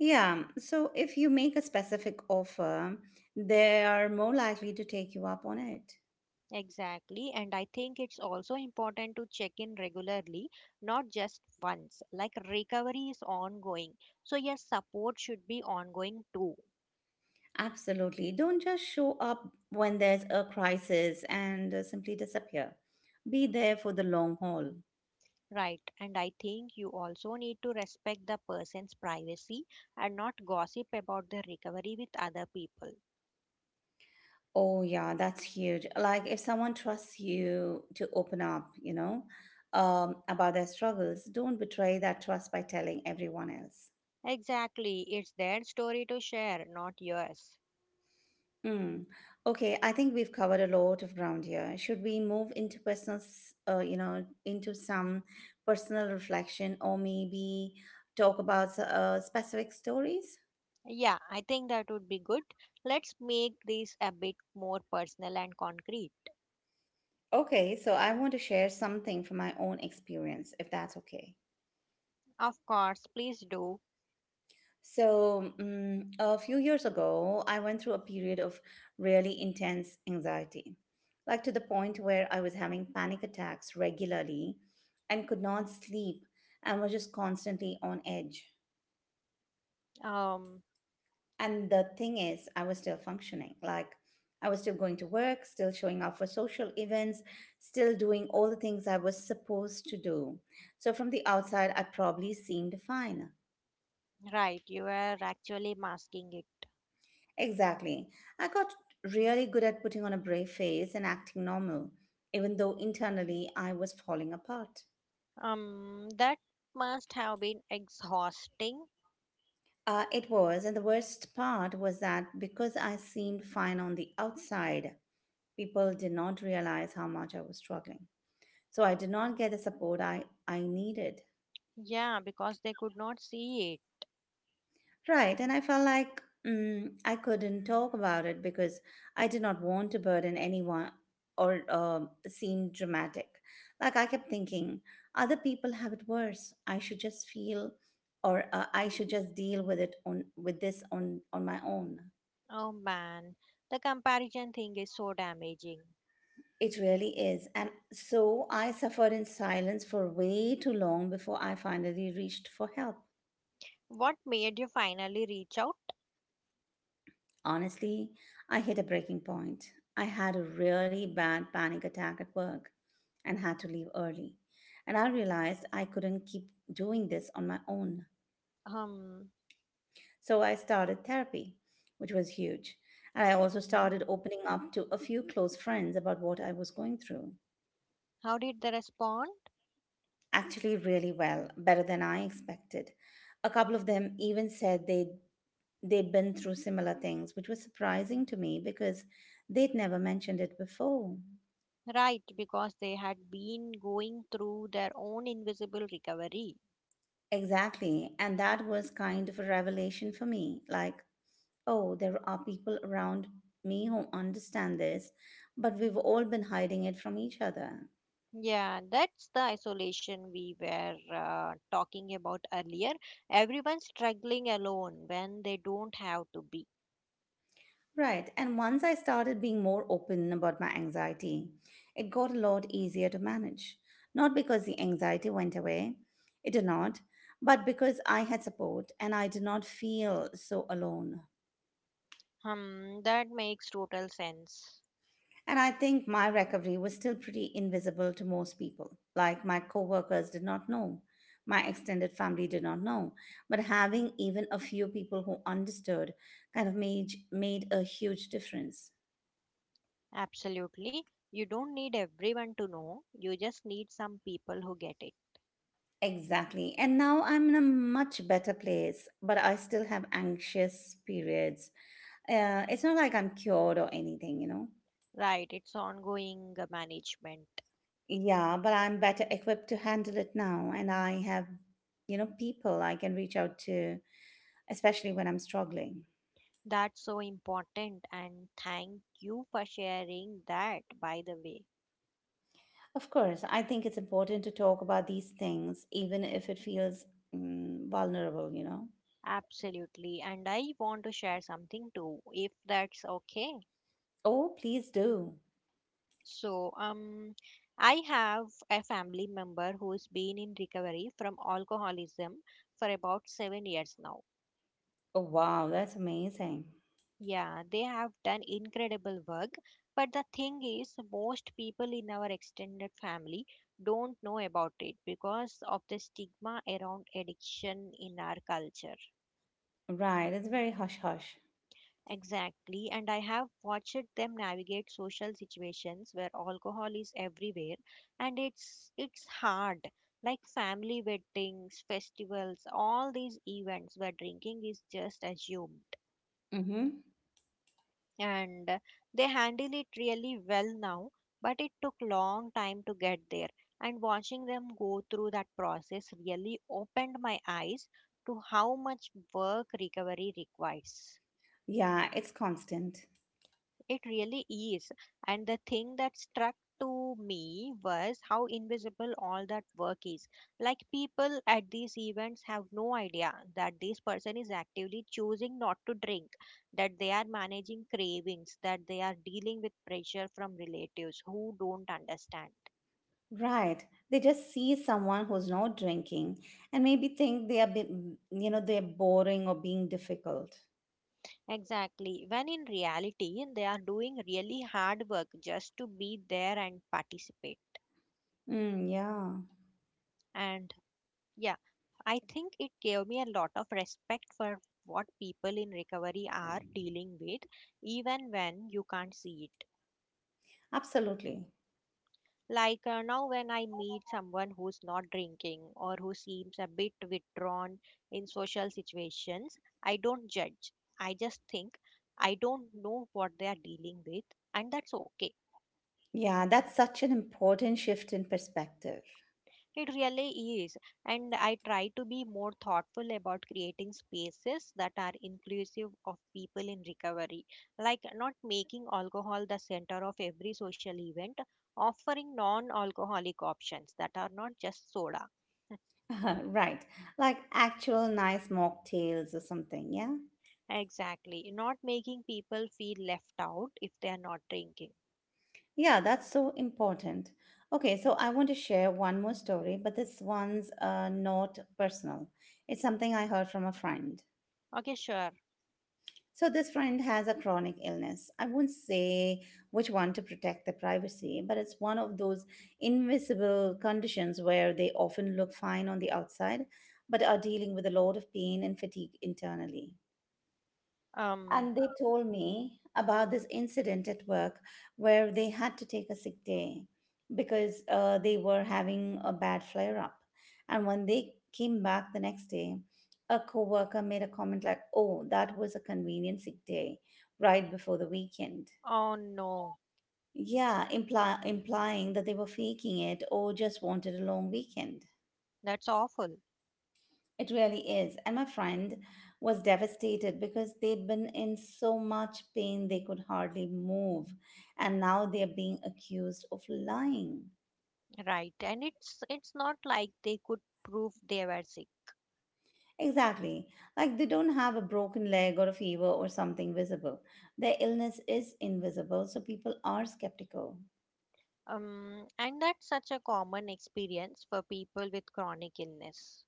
[SPEAKER 1] Yeah, so if you make a specific offer, they are more likely to take you up on it.
[SPEAKER 2] Exactly, and I think it's also important to check in regularly, not just once. Like recovery is ongoing, so yes, support should be ongoing too,
[SPEAKER 1] Absolutely. Don't just show up when there's a crisis and simply disappear. Be there for the long haul.
[SPEAKER 2] right? And I think you also need to respect the person's privacy and not gossip about their recovery with other people.
[SPEAKER 1] Oh, yeah, that's huge. Like, if someone trusts you to open up, about their struggles, don't betray that trust by telling everyone else.
[SPEAKER 2] Exactly, it's their story to share, not yours.
[SPEAKER 1] Hmm. Okay, I think we've covered a lot of ground here. Should we move into personal, s- you know, into some personal reflection or maybe talk about specific stories?
[SPEAKER 2] Yeah, I think that would be good. Let's make this a bit more personal and concrete.
[SPEAKER 1] Okay, so I want to share something from my own experience, if that's okay.
[SPEAKER 2] Of course, please do.
[SPEAKER 1] So, a few years ago, I went through a period of really intense anxiety, like to the point where I was having panic attacks regularly and could not sleep and was just constantly on edge.
[SPEAKER 2] Um,
[SPEAKER 1] And the thing is, I was still functioning. Like, I was still going to work, still showing up for social events, still doing all the things I was supposed to do. So, from the outside, I probably seemed fine.
[SPEAKER 2] Right, you are actually masking it.
[SPEAKER 1] Exactly. I got really good at putting on a brave face and acting normal, even though internally I was falling apart.
[SPEAKER 2] That must have been exhausting.
[SPEAKER 1] It was, and the worst part was that because I seemed fine on the outside, people did not realize how much I was struggling. So I did not get the support I needed.
[SPEAKER 2] Yeah, because they could not see it.
[SPEAKER 1] Right, and I felt like I couldn't talk about it because I did not want to burden anyone or seem dramatic. Like I kept thinking, other people have it worse. I should just feel, or I should just deal with it on with this on my own.
[SPEAKER 2] Oh man, the comparison thing is so damaging.
[SPEAKER 1] It really is, and so I suffered in silence for way too long before I finally reached for help.
[SPEAKER 2] What made you finally reach out?
[SPEAKER 1] Honestly, I hit a breaking point. I had a really bad panic attack at work and had to leave early. And I realized I couldn't keep doing this on my own.
[SPEAKER 2] Um,
[SPEAKER 1] So I started therapy, which was huge. And I also
[SPEAKER 2] mhm.
[SPEAKER 1] started opening up to a few close friends about what I was going through.
[SPEAKER 2] How did they respond?
[SPEAKER 1] Actually, really well, better than I expected. A couple of them even they'd been through similar things, which was surprising to me because they'd never mentioned it before.
[SPEAKER 2] Right, because they had been going through their own invisible recovery.
[SPEAKER 1] Exactly. And that was kind of a revelation for me. Like, oh, there are people around me who understand this, but we've all been hiding it from each other.
[SPEAKER 2] Yeah, that's the isolation we were talking about earlier. Everyone struggling alone when they don't have to be.
[SPEAKER 1] Right. And once I started being more open about my anxiety, it got a lot easier to manage. Not because the anxiety went away, it did not, but because I had support and I did not feel so alone.
[SPEAKER 2] Hmm, that makes total sense.
[SPEAKER 1] And I think my recovery was still pretty invisible to most people. Like my coworkers did not know, my extended family did not know. But having even a few people who understood kind of made a huge difference.
[SPEAKER 2] Absolutely. You don't need everyone to know, you just need some people who get it.
[SPEAKER 1] Exactly. And now I'm in a much better place, but I still have anxious periods. It's not like I'm cured or anything, you know.
[SPEAKER 2] Right, it's ongoing management.
[SPEAKER 1] Yeah, but I'm better equipped to handle it now, and I have, you know, people I can reach out to especially when I'm struggling.
[SPEAKER 2] That's so important, and thank you for sharing that, by the way.
[SPEAKER 1] Of course, I think it's important to talk about these things, even if it feels vulnerable, you know?
[SPEAKER 2] Absolutely, and I want to share something too, if that's okay.
[SPEAKER 1] Oh, please do.
[SPEAKER 2] So, I have a family member who's been in recovery from alcoholism for about 7 years now.
[SPEAKER 1] Oh, wow, that's amazing.
[SPEAKER 2] Yeah, they have done incredible work, but the thing is, most people in our extended family don't know about it because of the stigma around addiction in our culture.
[SPEAKER 1] Right, it's very hush hush.
[SPEAKER 2] Exactly, and I have watched them navigate social situations where alcohol is everywhere and it's hard. Like family weddings, festivals, all these events where drinking is just assumed.
[SPEAKER 1] Mm-hmm.
[SPEAKER 2] And they handle it really well now, but it took long time to get there. And watching them go through that process really opened my eyes to how much work recovery requires.
[SPEAKER 1] Yeah, it's constant.
[SPEAKER 2] It really is. And the thing that struck to me was how invisible all that work is. Like people at these events have no idea that this person is actively choosing not to drink, that they are managing cravings, that they are dealing with pressure from relatives who don't understand.
[SPEAKER 1] Right. They just see someone who's not drinking and maybe think they are, they're boring or being difficult.
[SPEAKER 2] Exactly. When in reality, they are doing really hard work just to be there and participate.
[SPEAKER 1] Mm, yeah,
[SPEAKER 2] And yeah, I think it gave me a lot of respect for what people in recovery are dealing with, even when you can't see it.
[SPEAKER 1] absolutely.
[SPEAKER 2] Like now, when I meet someone who's not drinking or who seems a bit withdrawn in social situations, I don't judge. I just think I don't know what they are dealing with, and that's okay.
[SPEAKER 1] Yeah, that's such an important shift in perspective.
[SPEAKER 2] It really is. And I try to be more thoughtful about creating spaces that are inclusive of people in recovery, like not making alcohol the center of every social event, offering non alcoholic options that are not just soda.
[SPEAKER 1] Right. Like actual nice mocktails or something, yeah?
[SPEAKER 2] Exactly. Not making people feel left out if they are not drinking.
[SPEAKER 1] Yeah, that's so important. Okay, so I want to share one more story, but this one's not personal. It's something I heard from a friend.
[SPEAKER 2] Okay, sure.
[SPEAKER 1] So this friend has a chronic illness. I won't say which one to protect the privacy, but it's one of those invisible conditions where they often look fine on the outside, but are dealing with a lot of pain and fatigue internally.
[SPEAKER 2] Um,
[SPEAKER 1] And they told me about this incident at work where they had to take a sick day because they were having a bad flare up. And when they came back the next day, a coworker made a comment like, "Oh, that was a convenient sick day right before the weekend."
[SPEAKER 2] oh no,
[SPEAKER 1] Yeah, implying that they were faking it or just wanted a long weekend.
[SPEAKER 2] that's awful.
[SPEAKER 1] It really is. And my friend was devastated because they'd been in so much pain they could hardly move. And now they're being accused of lying.
[SPEAKER 2] Right. And it's not like they could prove they were sick.
[SPEAKER 1] Exactly. Like they don't have a broken leg or a fever or something visible. Their illness is invisible, so people are skeptical.
[SPEAKER 2] And that's such a common experience for people with chronic illness.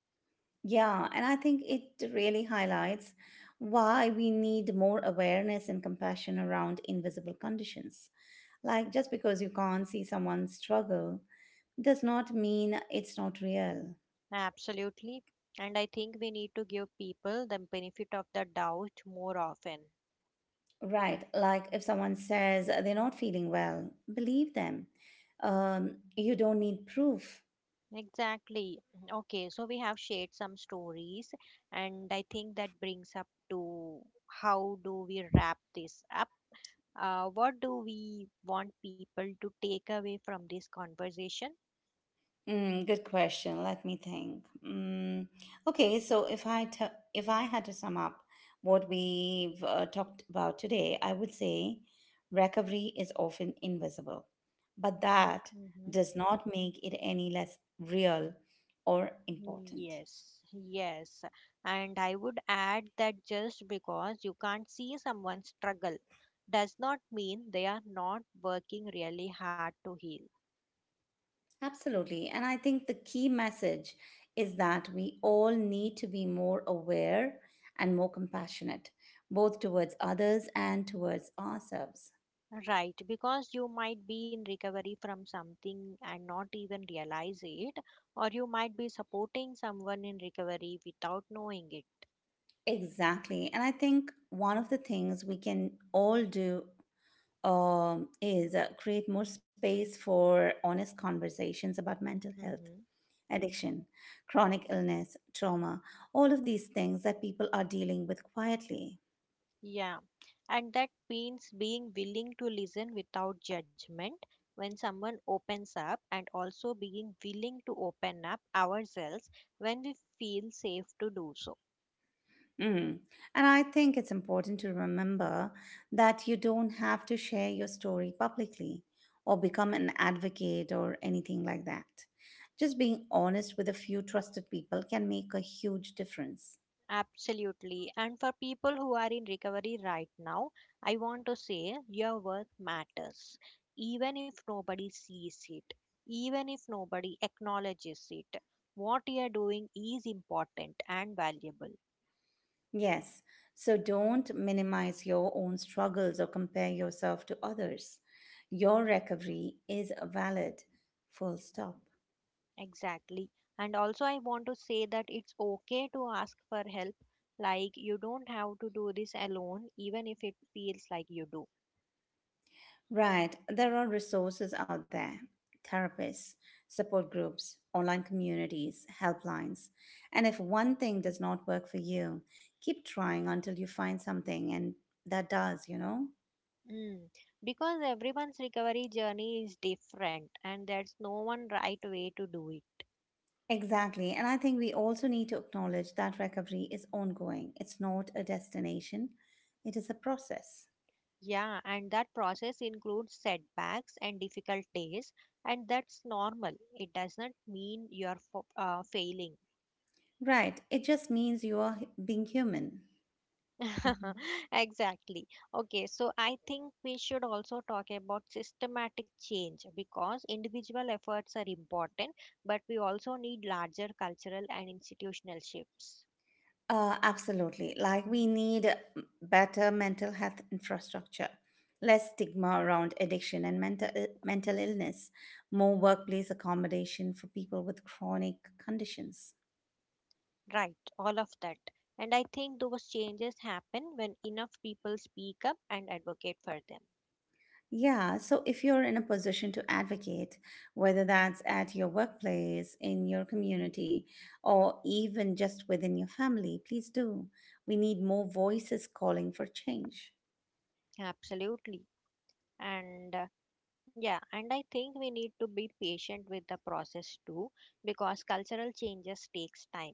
[SPEAKER 1] Yeah, and I think it really highlights why we need more awareness and compassion around invisible conditions. Like, just because you can't see someone's struggle does not mean it's not real.
[SPEAKER 2] Absolutely. And I think we need to give people the benefit of the doubt more often.
[SPEAKER 1] Right. Like, if someone says they're not feeling well, believe them. You don't need proof.
[SPEAKER 2] Exactly. Okay, so we have shared some stories, and I think that brings up to how do we wrap this up? What do we want people to take away from this conversation?
[SPEAKER 1] Mm, good question. Let me think. Okay, so if I had to sum up what we've talked about today, I would say recovery is often invisible, but that
[SPEAKER 2] Mm-hmm.
[SPEAKER 1] does not make it any less real or
[SPEAKER 2] Mm,
[SPEAKER 1] important.
[SPEAKER 2] yes, yes. And I would add that just because you can't see someone struggle does not mean they are not working really hard to heal.
[SPEAKER 1] Absolutely. And I think the key message is that we all need to be more aware and more compassionate, both towards others and towards ourselves.
[SPEAKER 2] Right, because you might be in recovery from something and not even realize it, or you might be supporting someone in recovery without knowing it.
[SPEAKER 1] Exactly. And I think one of the things we can all do is create more space for honest conversations about mental health,
[SPEAKER 2] Mhm.
[SPEAKER 1] addiction, chronic illness, trauma, all of these things that people are dealing with quietly.
[SPEAKER 2] Yeah, and that means being willing to listen without judgment when someone opens up, and also being willing to open up ourselves when we feel safe to do so.
[SPEAKER 1] Mm. And I think it's important to remember that you don't have to share your story publicly or become an advocate or anything like that. Just being honest with a few trusted people can make a huge difference.
[SPEAKER 2] Absolutely. And for people who are in recovery right now, I want to say your work matters, even if nobody sees it, even if nobody acknowledges it. What you are doing is important and valuable.
[SPEAKER 1] Yes, so don't minimize your own struggles or compare yourself to others. Your recovery is valid, full stop.
[SPEAKER 2] Exactly. And also, I want to say that it's okay to ask for help. Like, you don't have to do this alone, even if it feels like you do.
[SPEAKER 1] Right, there are resources out there therapists, support groups, online communities, helplines. And if one thing does not work for you, keep trying until you find something and that does, you know?
[SPEAKER 2] Mm. Because everyone's recovery journey is different, and there's no one right way to do it.
[SPEAKER 1] Exactly. And I think we also need to acknowledge that recovery is ongoing. It's not a destination, it is a process.
[SPEAKER 2] Yeah, and that process includes setbacks and difficult days, and that's normal. It does not mean you're failing.
[SPEAKER 1] Right. It just means you are being human. Mhm.
[SPEAKER 2] Exactly. Okay, so I think we should also talk about systematic change because individual efforts are important, but we also need larger cultural and institutional shifts.
[SPEAKER 1] Absolutely. Like we need better mental health infrastructure, less stigma around addiction and mental illness, more workplace accommodation for people with chronic conditions.
[SPEAKER 2] Right, all of that. And I think those changes happen when enough people speak up and advocate for them.
[SPEAKER 1] Yeah, so if you're in a position to advocate, whether that's at your workplace, in your community, or even just within your family, please do. We need more voices calling for change.
[SPEAKER 2] Absolutely. And yeah, and I think we need to be patient with the process too because cultural changes takes time.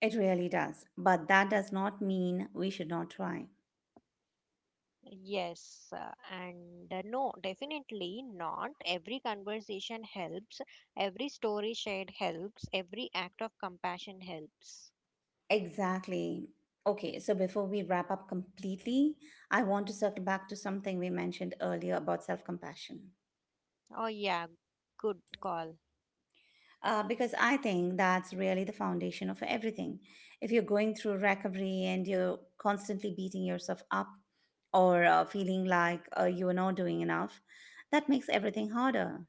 [SPEAKER 1] It really does. But that does not mean we should not try.
[SPEAKER 2] Yes, and no, definitely not. Every conversation helps, every story shared helps, every act of compassion helps.
[SPEAKER 1] Exactly. Okay, so before we wrap up completely, I want to circle back to something we mentioned earlier about self compassion.
[SPEAKER 2] Oh, yeah, good call.
[SPEAKER 1] Because I think that's really the foundation of everything. If you're going through recovery and you're constantly beating yourself up or feeling like you are not doing enough, that makes everything harder.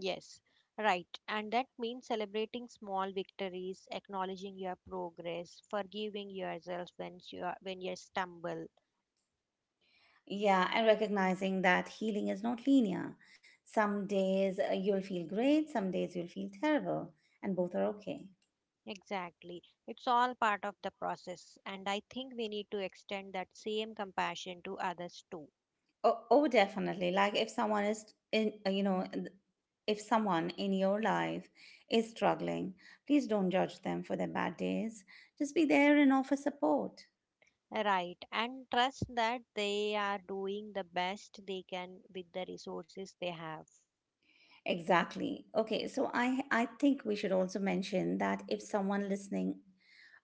[SPEAKER 2] Yes, right. And that means celebrating small victories, acknowledging your progress, forgiving yourself when when you stumble.
[SPEAKER 1] Yeah, and recognizing that healing is not linear. Some days you'll feel great, some days you'll feel terrible, and both are okay.
[SPEAKER 2] Exactly. It's all part of the process, and I think we need to extend that same compassion to others too.
[SPEAKER 1] Oh, definitely. Like if someone is in, you know, th- if someone in your life is struggling, please don't judge them for their bad days. Just be there and offer support.
[SPEAKER 2] Right, and trust that they are doing the best they can with the resources they have.
[SPEAKER 1] Exactly. Okay, so I think we should also mention that if someone listening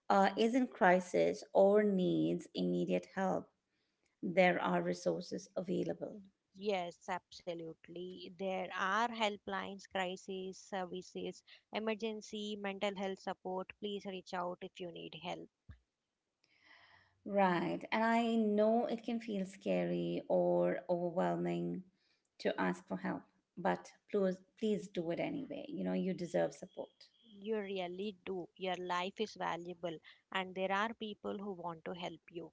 [SPEAKER 1] is in crisis or needs immediate help, there are resources available.
[SPEAKER 2] Yes, absolutely. There are helplines, crisis services, emergency, mental health support. Please reach out if you need help.
[SPEAKER 1] Right. And I know it can feel scary or overwhelming to ask for help, but please, please do it anyway. You know, you deserve support.
[SPEAKER 2] You really do. Your life is valuable, and there are people who want to help you.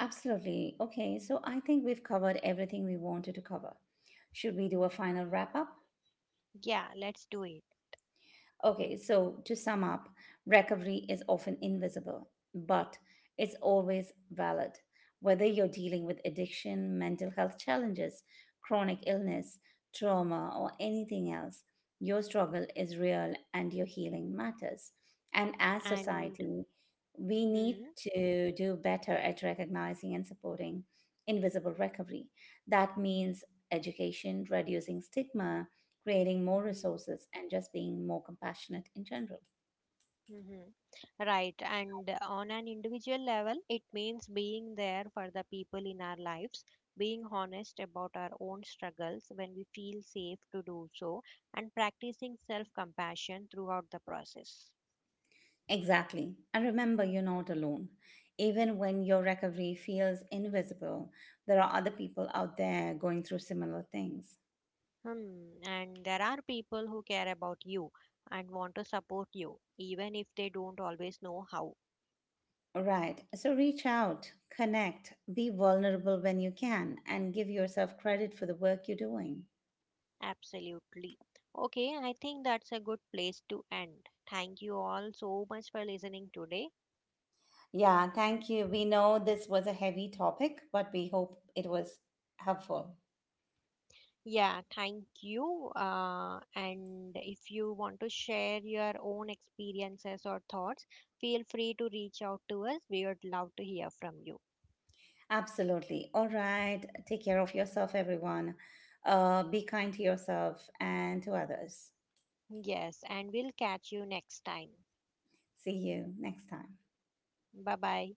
[SPEAKER 1] Absolutely. Okay. So I think we've covered everything we wanted to cover. Should we do a final wrap up?
[SPEAKER 2] Yeah, let's do it.
[SPEAKER 1] Okay, so to sum up, recovery is often invisible, but it's always valid. Whether you're dealing with addiction, mental health challenges, chronic illness, trauma, or anything else, your struggle is real and your healing matters. And as
[SPEAKER 2] And
[SPEAKER 1] society, we
[SPEAKER 2] hmm,
[SPEAKER 1] need to do better at recognizing and supporting invisible recovery. That means education, reducing stigma, creating more
[SPEAKER 2] mhm.
[SPEAKER 1] resources, and just being more compassionate in general.
[SPEAKER 2] Mhm. Right. And on an individual level, it means being there for the people in our lives, being honest about our own struggles when we feel safe to do so, and practicing self compassion throughout the process.
[SPEAKER 1] Exactly. And remember, you're not alone. Even when your recovery feels invisible, there are other people out there going through similar things.
[SPEAKER 2] Hmm. And there are people who care about you and want to support you, even if they don't always know how.
[SPEAKER 1] Right. So reach out, connect, be vulnerable when you can, and give yourself credit for the work you're doing.
[SPEAKER 2] Absolutely. Okay, I think that's a good place to end. Thank you all so much for listening today.
[SPEAKER 1] Yeah, thank you. We know this was a heavy topic, but we hope it was helpful.
[SPEAKER 2] Yeah, thank you. And if you want to share your own experiences or thoughts, feel free to reach out to us. We would love to hear from you.
[SPEAKER 1] Absolutely. All right. Take care of yourself, everyone. Be kind to yourself and to others.
[SPEAKER 2] Yes, and we'll catch you next time.
[SPEAKER 1] See you next time.
[SPEAKER 2] Bye bye.